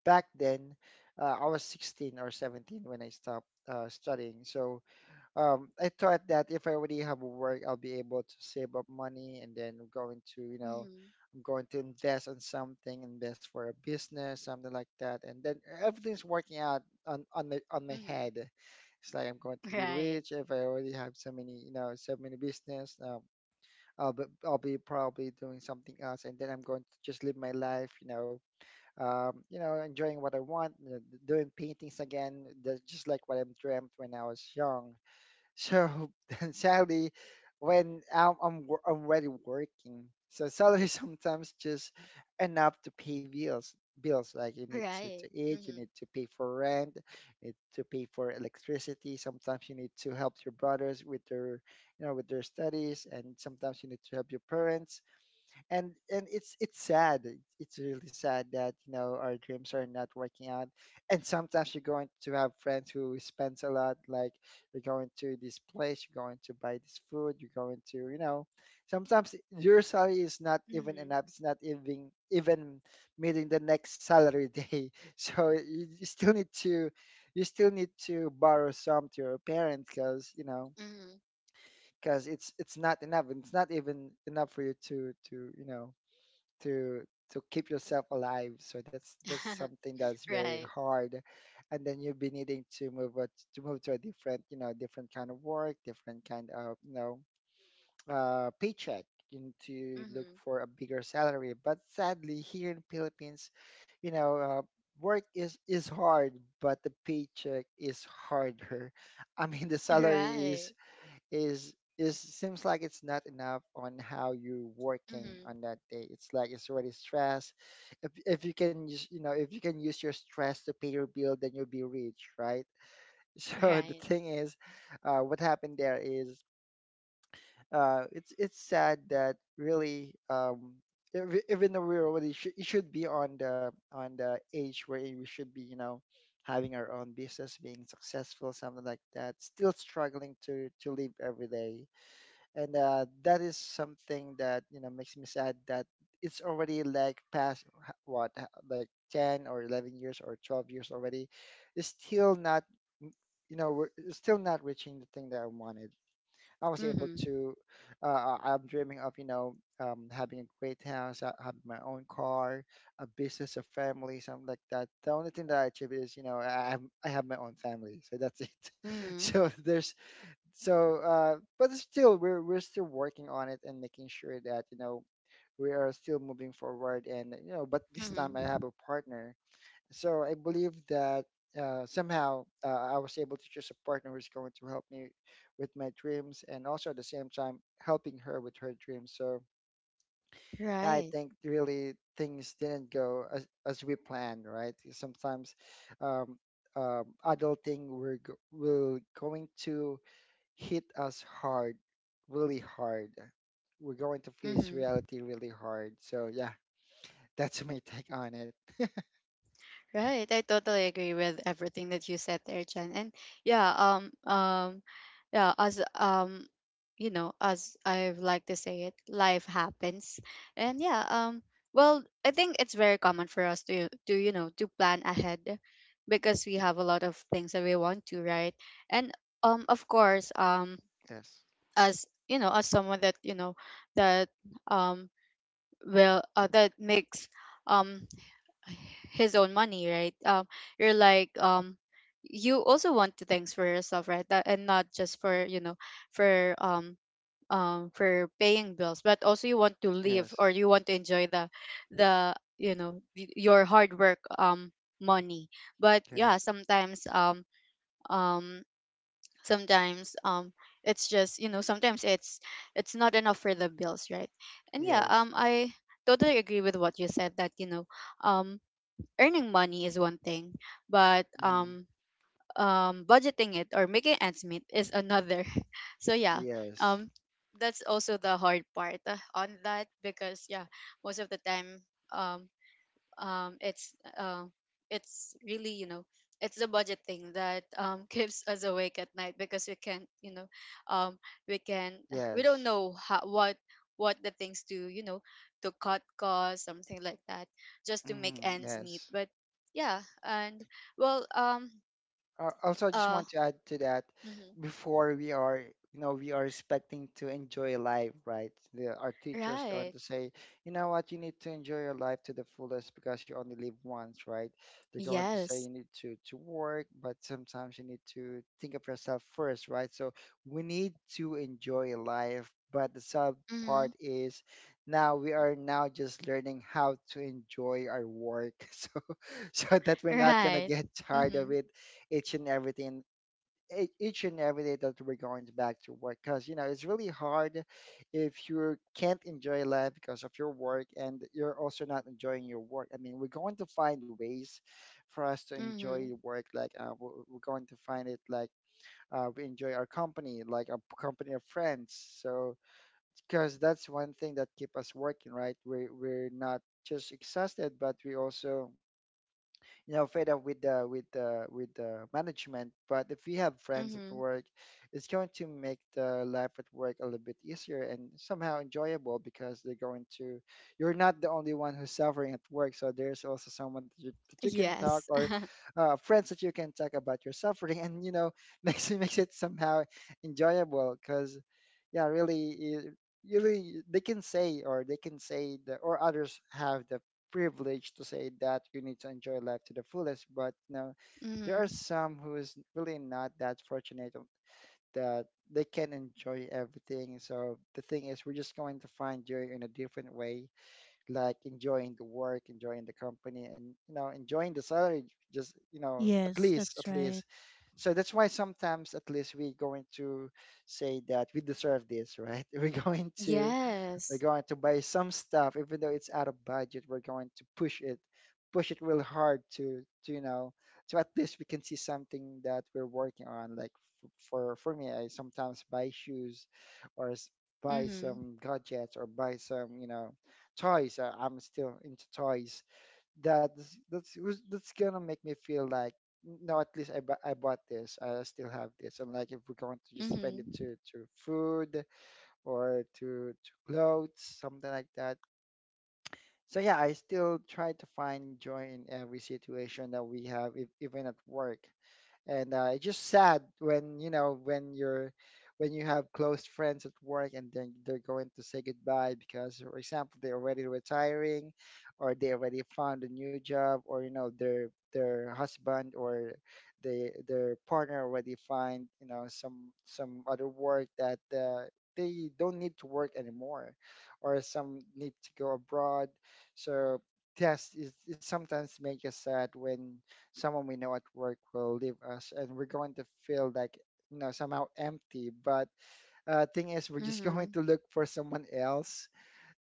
[SPEAKER 3] back then, I was 16 or 17 when I stopped studying. So I thought that if I already have a work, I'll be able to save up money, and then going to, you know,
[SPEAKER 1] Mm-hmm.
[SPEAKER 3] I'm going to invest on something, invest for a business, something like that. And then everything's working out on on my
[SPEAKER 1] Mm-hmm.
[SPEAKER 3] head. It's like I'm going to be
[SPEAKER 1] Right.
[SPEAKER 3] rich if I already have so many, you know, so many business. I'll be probably doing something else, and then I'm going to just live my life, you know, enjoying what I want, you know, doing paintings again, just like what I dreamt when I was young. So then sadly, when I'm already working, so salary sometimes just enough to pay bills. Bills like, you need to
[SPEAKER 1] Right.
[SPEAKER 3] eat, you
[SPEAKER 1] Mm-hmm.
[SPEAKER 3] need to pay for rent, you need to pay for electricity. Sometimes you need to help your brothers with their, you know, with their studies, and sometimes you need to help your parents, and it's sad, it's really sad that, you know, our dreams are not working out, and sometimes you're going to have friends who spends a lot, like you're going to this place, you're going to buy this food, you're going to, you know, sometimes your salary is not even
[SPEAKER 1] Mm-hmm.
[SPEAKER 3] enough, it's not even meeting the next salary day. So you still need to, you still need to borrow some to your parents, because you know, because it's not enough and it's not even enough for you to, you know, to to keep yourself alive. So that's
[SPEAKER 1] Mm-hmm.
[SPEAKER 3] something that's very
[SPEAKER 1] right.
[SPEAKER 3] hard, and then you'll be needing to move to move to a different, you know, different kind of work, different kind of, you know, paycheck. You need to look
[SPEAKER 1] Mm-hmm.
[SPEAKER 3] for a bigger salary. But sadly, here in Philippines, you know. Work is hard, but the paycheck is harder. I mean, the salary is
[SPEAKER 1] Right.
[SPEAKER 3] is seems like it's not enough on how you're working on
[SPEAKER 1] Mm-hmm.
[SPEAKER 3] that day. It's like it's already stress. If you can use, you know, if you can use your stress to pay your bill, then you'll be rich, right? So the
[SPEAKER 1] Right.
[SPEAKER 3] thing is, what happened there is it's sad that really even though we're it should be on the age where we should be, you know, having our own business, being successful, something like that, still struggling to live every day, and that is something that, you know, makes me sad that it's already like past h- what h- like 10 or 11 years or 12 years already. It's still not m- you know, we're it's still not reaching the thing that I wanted. I was able
[SPEAKER 1] Mm-hmm.
[SPEAKER 3] to I'm dreaming of, you know, having a great house, having my own car, a business, a family, something like that. The only thing that I achieve is, you know, I have my own family, so that's it. So there's but still we're still working on it and making sure that, you know, we are still moving forward. And you know, but this time I have
[SPEAKER 1] Mhm.
[SPEAKER 3] a partner, so I believe that somehow I was able to choose a partner who's going to help me with my dreams, and also at the same time helping her with her dreams. So yeah, I
[SPEAKER 1] Right.
[SPEAKER 3] think really things didn't go as we planned, right? Sometimes um, adulting, we're going to hit us hard, really hard. We're going to face
[SPEAKER 1] Mm-hmm.
[SPEAKER 3] reality really hard. So yeah, that's my take on it.
[SPEAKER 1] Right. I totally agree with everything that you said there, Jen. And yeah, um, um, yeah, as you know, as I like to say it, life happens. And yeah, I think it's very common for us to you know to plan ahead because we have a lot of things that we want to, right? And of course,
[SPEAKER 3] Yes,
[SPEAKER 1] as you know, as someone that that um will that makes um his own money, right? You're like you also want to thanks for yourself, right? That, and not just for for um for paying bills, but also you want to live
[SPEAKER 3] yes,
[SPEAKER 1] or you want to enjoy the you know your hard work money. But yeah,
[SPEAKER 3] yes,
[SPEAKER 1] um sometimes it's just you know sometimes it's not enough for the bills, right? And
[SPEAKER 3] yes,
[SPEAKER 1] I totally agree with what you said that um earning money is one thing, but
[SPEAKER 3] mhm,
[SPEAKER 1] budgeting it or making ends meet is another. So yeah,
[SPEAKER 3] yes,
[SPEAKER 1] um that's also the hard part on that because yeah, most of the time um um it's uh, it's really you know it's the budget thing that keeps us awake at night because we can't um we can we don't
[SPEAKER 3] yes,
[SPEAKER 1] know how, what the things to you know to cut costs, something like that, just to make
[SPEAKER 3] mhm,
[SPEAKER 1] ends meet.
[SPEAKER 3] yes.
[SPEAKER 1] But yeah, and well
[SPEAKER 3] Also, I just
[SPEAKER 1] uh
[SPEAKER 3] want to add to that,
[SPEAKER 1] mhm,
[SPEAKER 3] before we are, you know, we are expecting to enjoy life, right? The, our teachers going
[SPEAKER 1] right,
[SPEAKER 3] to say, you know what, you need to enjoy your life to the fullest because you only live once, right? They're going to say
[SPEAKER 1] yes,
[SPEAKER 3] you need to work, but sometimes you need to think of yourself first, right? So we need to enjoy life, but the sub
[SPEAKER 1] mm-hmm,
[SPEAKER 3] part is now we are now just learning how to enjoy our work. So. So that we're not gonna
[SPEAKER 1] right,
[SPEAKER 3] get tired
[SPEAKER 1] mm-hmm.
[SPEAKER 3] of it each and everything, each and every day that we're going back to work, because you know it's really hard if you can't enjoy life because of your work and you're also not enjoying your work. I mean, we're going to find ways for us to enjoy
[SPEAKER 1] Mm-hmm.
[SPEAKER 3] work, like we're going to find it like, we enjoy our company like a company of friends. So because that's one thing that keep us working, right? We're not just exhausted, but we also, you know, fed up with the with the with the management. But if we have friends at
[SPEAKER 1] Mm-hmm.
[SPEAKER 3] work, it's going to make the life at work a little bit easier and somehow enjoyable, because they're going to, you're not the only one who's suffering at work, so there's also someone that you can talk,
[SPEAKER 1] Yes.
[SPEAKER 3] or friends that you can talk about your suffering, and you know, makes it, makes it somehow enjoyable. Because yeah, really it, really they can say, or they can say the, or others have the privilege to say that you need to enjoy life to the fullest, but no, there
[SPEAKER 1] mm-hmm.
[SPEAKER 3] are some who is really not that fortunate of- that they can enjoy everything. So the thing is, we're just going to find joy in a different way, like enjoying the work, enjoying the company, and you know, enjoying the salary. Just you know, at
[SPEAKER 2] Yes,
[SPEAKER 3] least,
[SPEAKER 2] that's
[SPEAKER 3] at
[SPEAKER 2] right.
[SPEAKER 3] least. So that's why sometimes, at least, we're going to say that we deserve this, right? We're
[SPEAKER 1] Yes.
[SPEAKER 3] going to buy some stuff, even though it's out of budget, we're going to push it real hard to, you know, so at least we can see something that we're working on. Like for me, I sometimes buy shoes, or buy
[SPEAKER 1] Mm-hmm.
[SPEAKER 3] some gadgets, or buy some, you know, toys. I'm still into toys. That's gonna make me feel like, no, at least I, I bought this. I still have this. And like if we're going to just spend it
[SPEAKER 1] Mm-hmm.
[SPEAKER 3] to food, or to clothes, something like that. So yeah, I still try to find joy in every situation that we have, if, even at work. And it's just sad when you know when you're, when you have close friends at work, and then they're going to say goodbye because for example they're already retiring, or they already found a new job, or you know their husband, or they their partner already find, you know, some other work that they don't need to work anymore, or some need to go abroad. So yes it, it sometimes makes us sad when someone we know at work will leave us, and we're going to feel like, you know, somehow empty. But thing is we're just
[SPEAKER 1] Mm-hmm.
[SPEAKER 3] going to look for someone else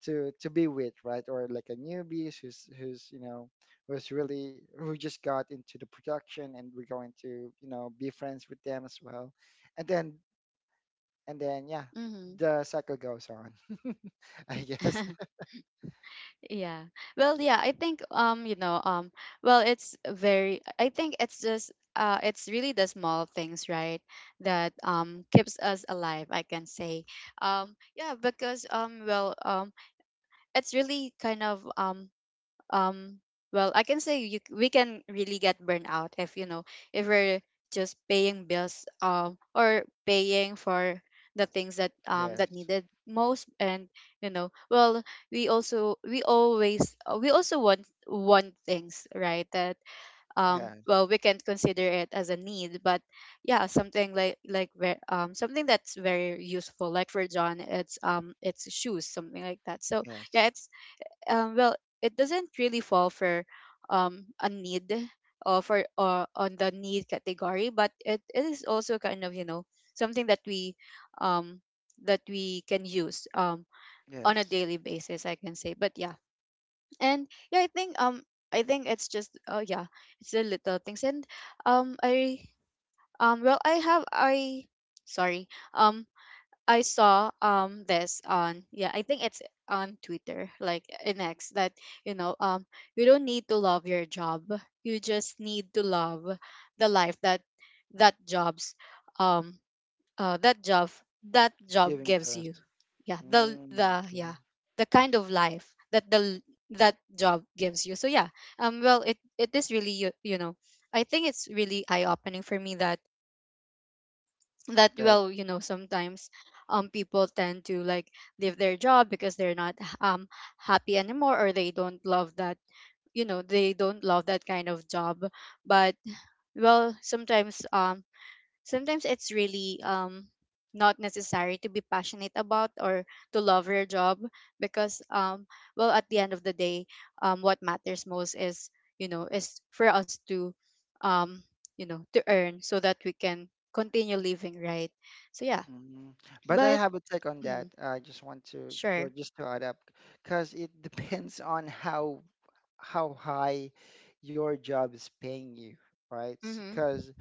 [SPEAKER 3] to be with, right? Or like a newbie who's you know, who's really, who just got into the production, and we're going to, you know, be friends with them as well. And then, and then yeah,
[SPEAKER 1] Mm-hmm.
[SPEAKER 3] the cycle goes on. I guess.
[SPEAKER 1] Yeah. Well, yeah, I think it's very I think it's just it's really the small things, right, that keeps us alive, I can say. Yeah, because it's really kind of um well I can say you, we can really get burned out if if we're just paying bills or paying for the things that
[SPEAKER 3] Yes,
[SPEAKER 1] that needed most. And you know well we also we always we also want things right that
[SPEAKER 3] yes,
[SPEAKER 1] well we can consider it as a need, but yeah, something like something that's very useful, like for John it's shoes, something like that. So yeah,
[SPEAKER 3] yes,
[SPEAKER 1] it's well, it doesn't really fall for a need or for on the need category, but it is also kind of you know something um, that we can use on a
[SPEAKER 3] yes,
[SPEAKER 1] daily basis, I can say. But yeah, and yeah, I think it's just oh yeah, it's the little things, and I well I have I sorry I saw this on yeah I think it's on Twitter like in X that you know um you don't need to love your job, you just need to love the life that that jobs um uh that job that
[SPEAKER 3] it's
[SPEAKER 1] job
[SPEAKER 3] giving to
[SPEAKER 1] gives
[SPEAKER 3] us.
[SPEAKER 1] you. Yeah,
[SPEAKER 3] Mm,
[SPEAKER 1] the
[SPEAKER 3] okay.
[SPEAKER 1] yeah, the kind of life that the that job gives you. So yeah, well it is really you know, I think it's really eye opening for me that that
[SPEAKER 3] That.
[SPEAKER 1] well you know sometimes people tend to like leave their job because they're not um happy anymore or they don't love that you know they don't love that kind of job. But well, sometimes sometimes it's really not necessary to be passionate about or to love your job because well at the end of the day what matters most is you know is for us to um you know to earn so that we can continue living, right? So yeah,
[SPEAKER 3] Mhm. But I
[SPEAKER 1] but
[SPEAKER 3] have a take on that.
[SPEAKER 1] mhm,
[SPEAKER 3] I just want to
[SPEAKER 1] sure,
[SPEAKER 3] just to add up, because it depends on how high your job is paying you, right?
[SPEAKER 1] mhm,
[SPEAKER 3] Because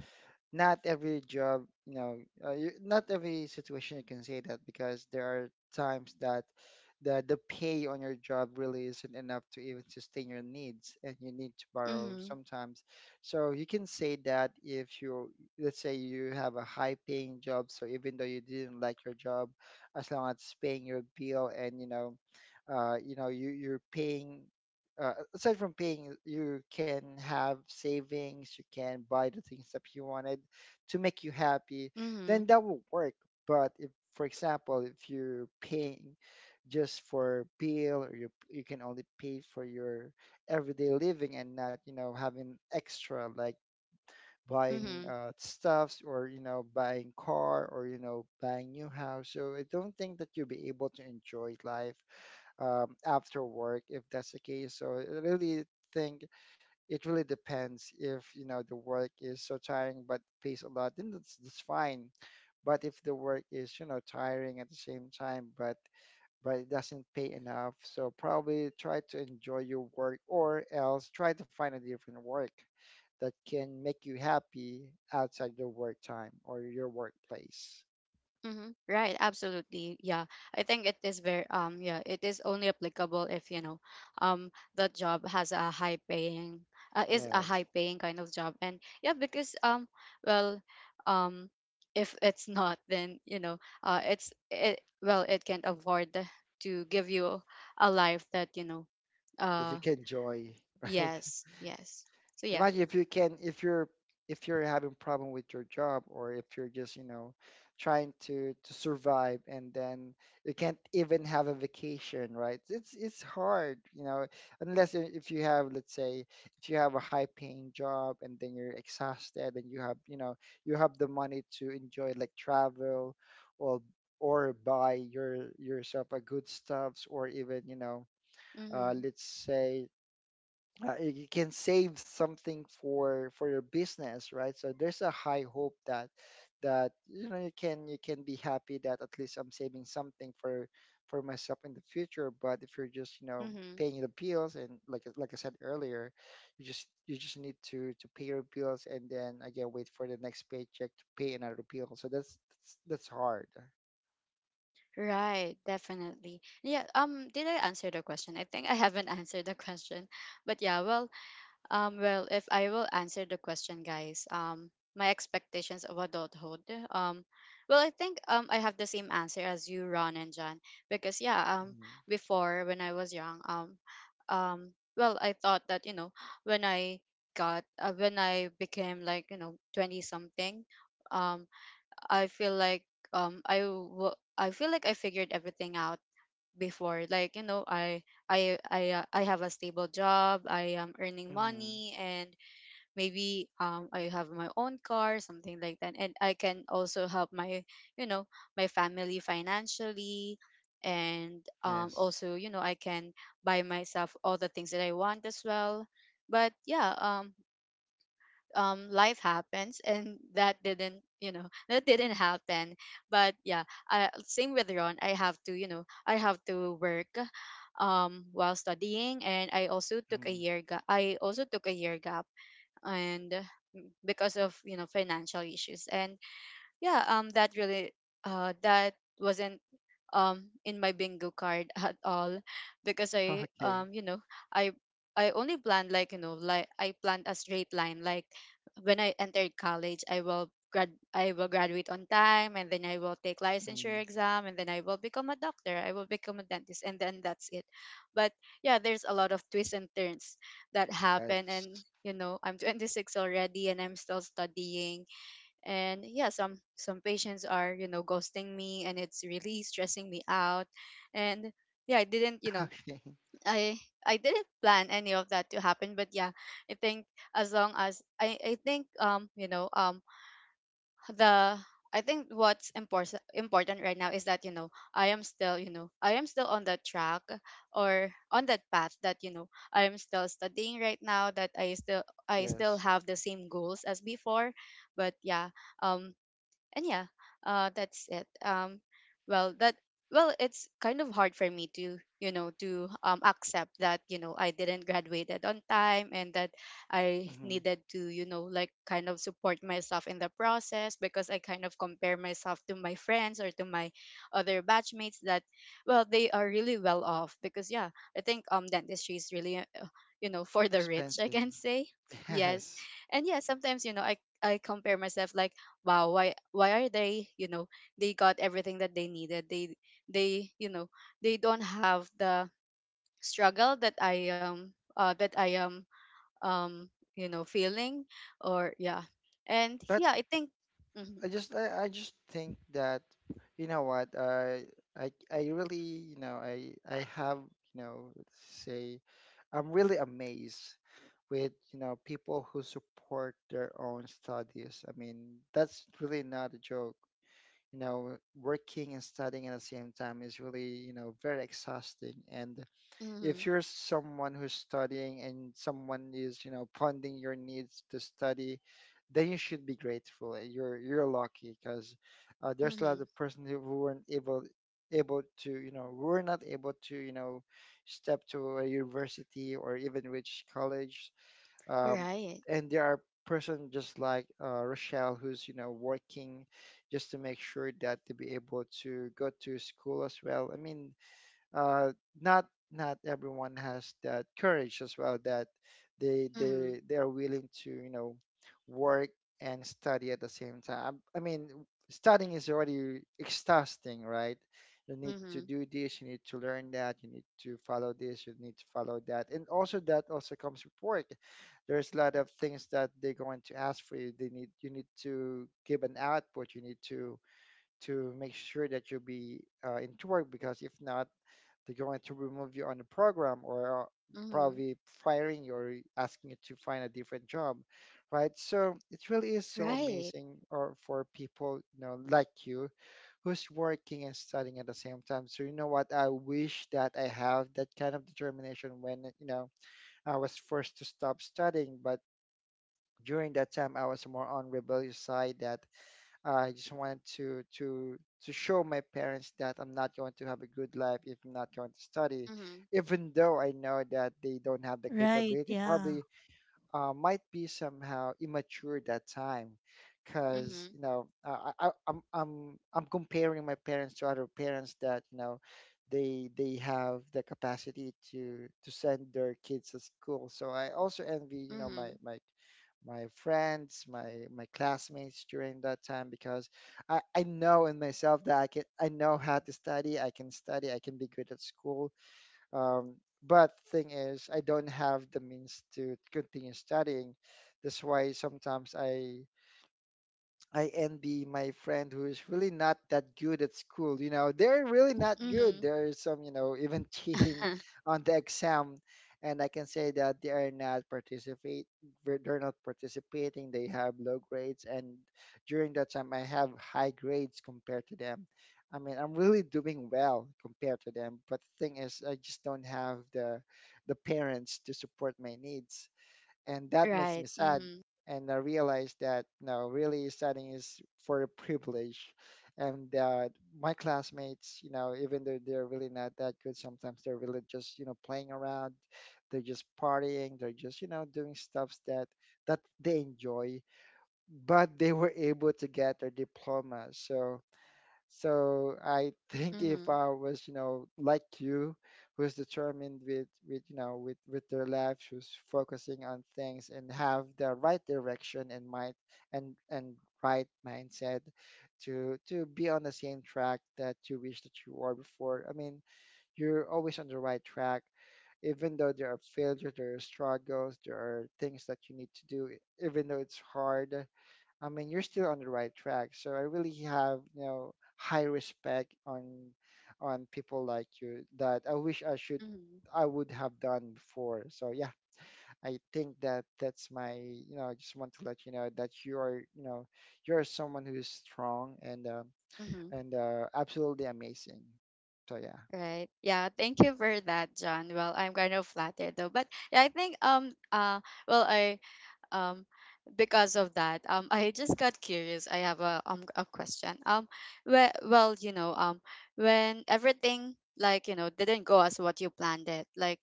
[SPEAKER 3] not every job, you know, not every situation you can say that, because there are times that the pay on your job really isn't enough to even sustain your needs, and you need to borrow
[SPEAKER 1] mhm,
[SPEAKER 3] sometimes. So you can say that if you, let's say you have a high paying job, so even though you didn't like your job, as long as it's paying your bill, and you know, you're paying aside from paying, you can have savings, you can buy the things that you wanted to make you happy, then
[SPEAKER 1] mhm,
[SPEAKER 3] that will work. But if, for example, if you're paying just for bill, or you can only pay for your everyday living and not, you know, having extra like buying
[SPEAKER 1] mhm.
[SPEAKER 3] stuffs, or, you know, buying car, or, you know, buying new house. So I don't think that you'll be able to enjoy life after work if that's the case. So I really think it really depends, if you know the work is so tiring but pays a lot, then that's fine. But if the work is you know tiring at the same time, but it doesn't pay enough, so probably try to enjoy your work, or else try to find a different work that can make you happy outside your work time or your workplace.
[SPEAKER 1] Mm-hmm. Right, absolutely. Yeah. I think it is very yeah, it is only applicable if, you know, um the job has a high paying is a
[SPEAKER 3] Yes,
[SPEAKER 1] high paying kind of job. And yeah, because well, um if it's not then, you know, it's it well, it can afford to give you a life that, you know,
[SPEAKER 3] that you
[SPEAKER 1] uh
[SPEAKER 3] can enjoy. Right.
[SPEAKER 1] yes, yes. So yeah.
[SPEAKER 3] Imagine if you can, if you're, if you're having problem with your job, or if you're just, you know, trying to survive, and then you can't even have a vacation, right? It's hard, you know, unless if you have, let's say, if you have a high paying job, and then you're exhausted, and you have, you know, you have the money to enjoy, like travel or or buy your yourself a good stuffs, or even, you know,
[SPEAKER 1] Mhm.
[SPEAKER 3] let's say you can save something for your business, right? So there's a high hope that you know, you can, you can be happy, that at least I'm saving something for myself in the future. But if you're just, you know,
[SPEAKER 1] Mhm.
[SPEAKER 3] paying the bills, and like like I said earlier, you just, you just need to pay your bills, and then again wait for the next paycheck to pay another bill, so that's hard.
[SPEAKER 1] Right, definitely. Yeah, did I answer the question? I think I haven't answered the question. But yeah, if I will answer the question, guys, my expectations of adulthood. Um, well, I think I have the same answer as you, Ron and John, because
[SPEAKER 3] Mhm.
[SPEAKER 1] before when I was young, well, I thought that, you know, when I got when I became like, you know, 20 something. Um. I feel like I feel like I figured everything out before like I have a stable job, I am earning
[SPEAKER 3] Mhm.
[SPEAKER 1] money and maybe I have my own car, something like that, and I can also help my you know my family financially. And
[SPEAKER 3] Yes.
[SPEAKER 1] also you know I can buy myself all the things that I want as well. But life happens and that didn't that didn't happen. But yeah, I, same with Ron, I have to I have to work while studying, and I also took a
[SPEAKER 3] Mhm.
[SPEAKER 1] year I also took a year gap and because of you know financial issues. And yeah that really that wasn't in my bingo card at all because I
[SPEAKER 3] Okay.
[SPEAKER 1] you know I I only planned like you know like I planned a straight line like when I entered college I will grad I will graduate on time and then I will take licensure
[SPEAKER 3] Mhm.
[SPEAKER 1] exam and then I will become a doctor I will become a dentist and then that's it. But yeah, there's a lot of twists and turns that happen and
[SPEAKER 3] Yes.
[SPEAKER 1] you know I'm 26 already and I'm still studying. And yeah, some patients are you know ghosting me and it's really stressing me out. And yeah, I didn't you know
[SPEAKER 3] Okay.
[SPEAKER 1] I I didn't plan any of that to happen. But yeah, I think as long as i think you know the I think what's important right now is that you know I am still you know I am still on the track or on that path that you know I am still studying right now that I still
[SPEAKER 3] Yes.
[SPEAKER 1] have the same goals as before. But um yeah, that's it. Well, that well, it's kind of hard for me to accept that I didn't graduated on time and that I
[SPEAKER 3] Hmm.
[SPEAKER 1] needed to kind of support myself in the process, because I kind of compare myself to my friends or to my other batchmates. That well they are really well off because, yeah, I think dentistry is really you know for the rich, I
[SPEAKER 3] Expensive.
[SPEAKER 1] can say. Yes.
[SPEAKER 3] Yes.
[SPEAKER 1] And yeah, sometimes I compare myself like, wow, why are they, they got everything that they needed. They they don't have the struggle that I am, um feeling, or yeah. And
[SPEAKER 3] But
[SPEAKER 1] yeah, I think. Mm-hmm.
[SPEAKER 3] I just think that, you know what, I really, you know, I have, you know, let's say, I'm really amazed with, you know, people who support their own studies. I mean that's really not a joke. You know, working and studying at the same time is really you know very exhausting. And
[SPEAKER 1] Mm-hmm.
[SPEAKER 3] if you're someone who's studying, and someone is you know funding your needs to study, then you should be grateful. You're lucky because there's a lot
[SPEAKER 1] Mm-hmm.
[SPEAKER 3] of person who weren't able to you know, who were not able to you know step to a university or even reach college, um,
[SPEAKER 1] Right.
[SPEAKER 3] and there are person just like Rochelle who's you know working just to make sure that to be able to go to school as well. I mean uh, not, not everyone has that courage as well, that
[SPEAKER 1] Mm-hmm.
[SPEAKER 3] they are willing to you know work and study at the same time. I mean, studying is already exhausting, right? You need
[SPEAKER 1] Mm-hmm.
[SPEAKER 3] to do this, you need to learn that, you need to follow this, you need to follow that, and also that also comes with work. There's a lot of things that they're going to ask for you. They need, you need to give an output. You need to make sure that you be into work, because if not they're going to remove you on the program, or
[SPEAKER 1] Mm-hmm.
[SPEAKER 3] probably firing you or asking you to find a different job, right? So it really is so
[SPEAKER 1] Right.
[SPEAKER 3] amazing or for people, you know, like you who's working and studying at the same time. So you know what? I wish that I have that kind of determination when, you know, I was forced to stop studying, but during that time I was more on rebellious side, that I just wanted to to show my parents that I'm not going to have a good life if I'm not going to study,
[SPEAKER 1] Mm-hmm.
[SPEAKER 3] even though I know that they don't have the
[SPEAKER 2] Right,
[SPEAKER 3] capability.
[SPEAKER 2] yeah.
[SPEAKER 3] Probably might be somehow immature that time, because
[SPEAKER 1] Mm-hmm.
[SPEAKER 3] you know I I'm comparing my parents to other parents that you know they have the capacity to send their kids to school. So I also envy, you know, my
[SPEAKER 1] Mm-hmm.
[SPEAKER 3] my my friends, my classmates during that time because I know in myself that I know how to study, I can be good at school. Um, but thing is, I don't have the means to continue studying. That's why sometimes I envy my friend who is really not that good at school. You know, they're really not good.
[SPEAKER 1] Mm-hmm.
[SPEAKER 3] There is some, you know, even cheating on the exam. And I can say that they are not participate. They're not participating. They have low grades, and during that time, I have high grades compared to them. I mean, I'm really doing well compared to them. But the thing is, I just don't have the parents to support my needs, and that makes me
[SPEAKER 1] Right.
[SPEAKER 3] sad.
[SPEAKER 1] Mm-hmm.
[SPEAKER 3] And I realized that, no, really studying is for a privilege, and that my classmates, you know, even though they're really not that good, sometimes they're really just, you know, playing around, they're just partying, they're just, you know, doing stuffs that they enjoy, but they were able to get their diploma. So so I think if
[SPEAKER 1] Mm-hmm.
[SPEAKER 3] I was, you know, like you, who's determined with, you know, with their life, who's focusing on things and have the right direction and mind and right mindset to be on the same track that you wish that you were before. I mean, you're always on the right track, even though there are failures, there are struggles, there are things that you need to do, even though it's hard. I mean, you're still on the right track. So I really have, you know, high respect on people like you that I wish I should
[SPEAKER 1] Mm-hmm.
[SPEAKER 3] I would have done before. So yeah, I think that that's my, you know, I just want to let you know that you are, you know, you're someone who is strong
[SPEAKER 1] Mm-hmm.
[SPEAKER 3] and absolutely amazing. So yeah,
[SPEAKER 1] Right. Yeah. Thank you for that, John. Well, I'm kind of flattered though. But yeah, I think well I um because of that, I just got curious. I have a question. Well, you know, when everything, like, you know, didn't go as what you planned it, like,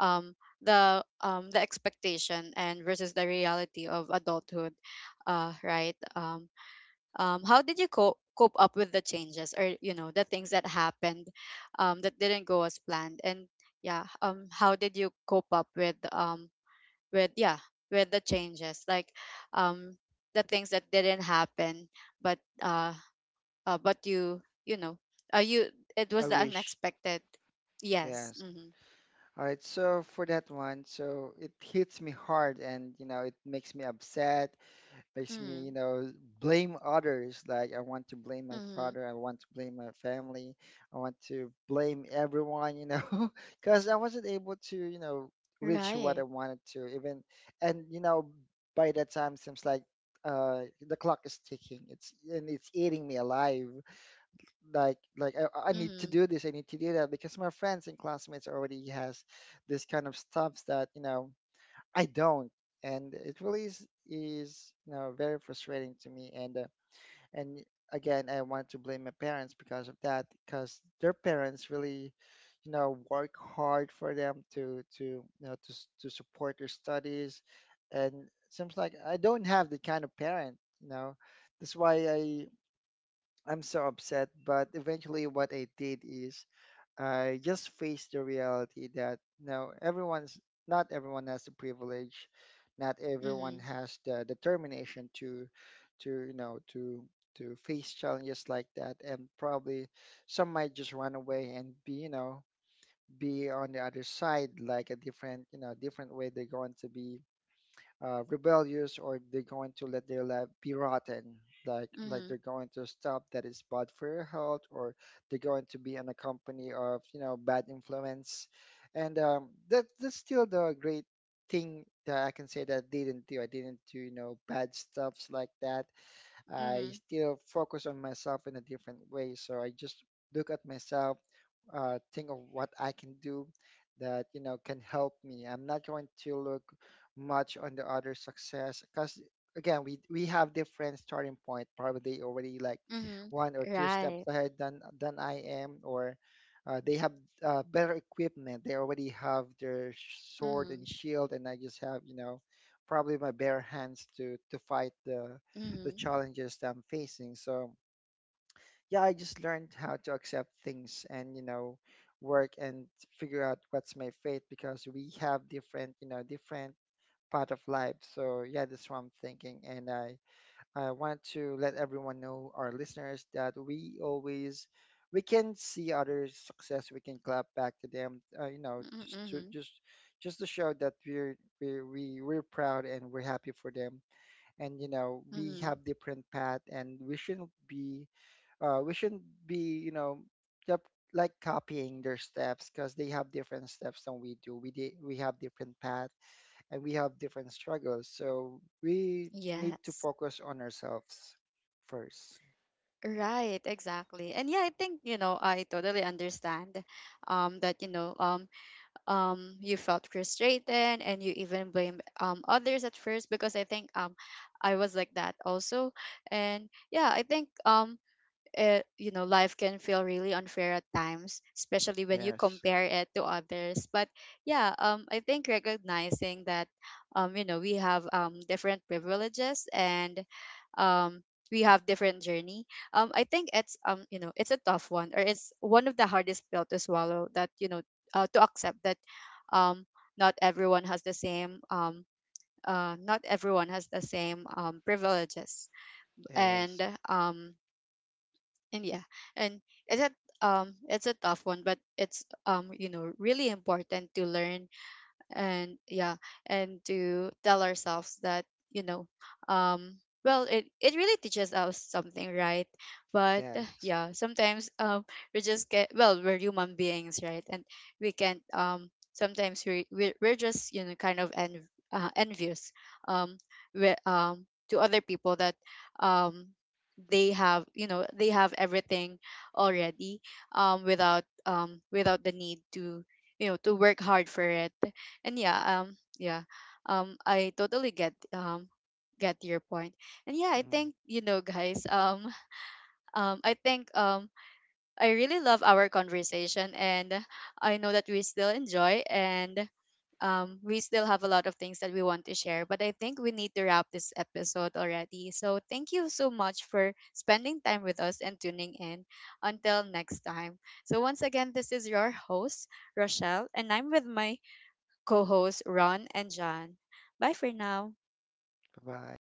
[SPEAKER 1] um the expectation and versus the reality of adulthood. uh right Um, how did you cope up with the changes, or you know, the things that happened that didn't go as planned? And yeah, how did you cope up with, with yeah with the changes, like um, the things that didn't happen, but uh, but you know you it
[SPEAKER 3] I
[SPEAKER 1] was the
[SPEAKER 3] wish.
[SPEAKER 1] unexpected. Yes.
[SPEAKER 3] Yes.
[SPEAKER 1] Mm-hmm.
[SPEAKER 3] All right. So for that one, so it hits me hard and, you know, it makes me upset, makes me, you
[SPEAKER 1] Mm-hmm.
[SPEAKER 3] know, blame others. Like I want to blame my
[SPEAKER 1] Mm-hmm.
[SPEAKER 3] father, I want to blame my family, I want to blame everyone, you know. Because I wasn't able to, you know, reach what I
[SPEAKER 1] Right.
[SPEAKER 3] wanted to even. And you know, by that time, seems like uh the clock is ticking, it's and it's eating me alive. Like I need to
[SPEAKER 1] Mm-hmm.
[SPEAKER 3] do this, I need to do that, because my friends and classmates already has this kind of stuff that, you know, I don't, and it really is you know very frustrating to me. And again, I want to blame my parents because of that, because their parents really, you know, work hard for them to you know to to support their studies, and seems like I don't have the kind of parent. You know, that's why I'm so upset. But eventually, what I did is, I just face the reality that, no, everyone's not everyone has the privilege, not everyone
[SPEAKER 1] Mm-hmm.
[SPEAKER 3] has the determination to you know to face challenges like that, and probably some might just run away and be, you know, be on the other side, like a different, you know, different way they're going to be, rebellious, or they're going to let their life be rotten. Like
[SPEAKER 1] Mm-hmm.
[SPEAKER 3] they're going to stop, that is bad for your health, or they're going to be in a company of, you know, bad influence. And that that's still the great thing that I can say, that I didn't do, I didn't do you know bad stuffs like that. I
[SPEAKER 1] Mm-hmm.
[SPEAKER 3] still focus on myself in a different way. So I just look at myself, think of what I can do that, you know, can help me. I'm not going to look much on the other success, because again we have different starting point. Probably already like
[SPEAKER 1] Mm-hmm.
[SPEAKER 3] one or two steps
[SPEAKER 1] Right.
[SPEAKER 3] ahead than I am, or they have better equipment. They already have their sword and
[SPEAKER 1] Mm-hmm.
[SPEAKER 3] shield, and I just have, you know, probably my bare hands to fight the
[SPEAKER 1] Mm-hmm.
[SPEAKER 3] challenges that I'm facing. So yeah, I just learned how to accept things and, you know, work and figure out what's my fate, because we have different, you know, different part of life. So yeah, that's what I'm thinking, and I want to let everyone know, our listeners, that we always we can see others' success, we can clap back to them, you know, just to
[SPEAKER 1] Mm-hmm.
[SPEAKER 3] just to show that we're proud and we're happy for them. And you know we
[SPEAKER 1] Mm-hmm.
[SPEAKER 3] have different path, and we shouldn't be, we shouldn't be, you know, yup, like copying their steps, because they have different steps than we do. We have different path, and we have different struggles, so we need to
[SPEAKER 1] Yes.
[SPEAKER 3] focus on ourselves first.
[SPEAKER 1] Right, exactly. And yeah, I think, you know, I totally understand that, you felt frustrated and you even blame others at first, because I think I was like that also. And yeah, I think it, you know, life can feel really unfair at times, especially when you
[SPEAKER 3] Yes.
[SPEAKER 1] compare it to others. But yeah, I think recognizing that, you know, we have different privileges, and, um, we have different journey. I think it's, you know, it's a tough one, or it's one of the hardest pill to swallow. That, you know, to accept that, um, not everyone has the same not everyone has the same, privileges, and
[SPEAKER 3] Yes.
[SPEAKER 1] um, and yeah, and it's a it's a tough one, but it's, you know, really important to learn. And yeah, and to tell ourselves that, you know, it it really teaches us something, right? But
[SPEAKER 3] Yes.
[SPEAKER 1] yeah, sometimes we just get, well, we're human beings, right? And we can't, sometimes we're just, you know, kind of en envious, um we to other people that um they have, you know, they have everything already, without, without the need to, you know, to work hard for it. And yeah, yeah, I totally get your point. And yeah, I
[SPEAKER 3] Mm.
[SPEAKER 1] think, you know, guys, I think I really love our conversation, and I know that we still enjoy, and we still have a lot of things that we want to share, but I think we need to wrap this episode already. So thank you so much for spending time with us and tuning in until next time. So once again, this is your host Rochelle, and I'm with my co hosts Ron and John. Bye for now.
[SPEAKER 3] Bye-bye.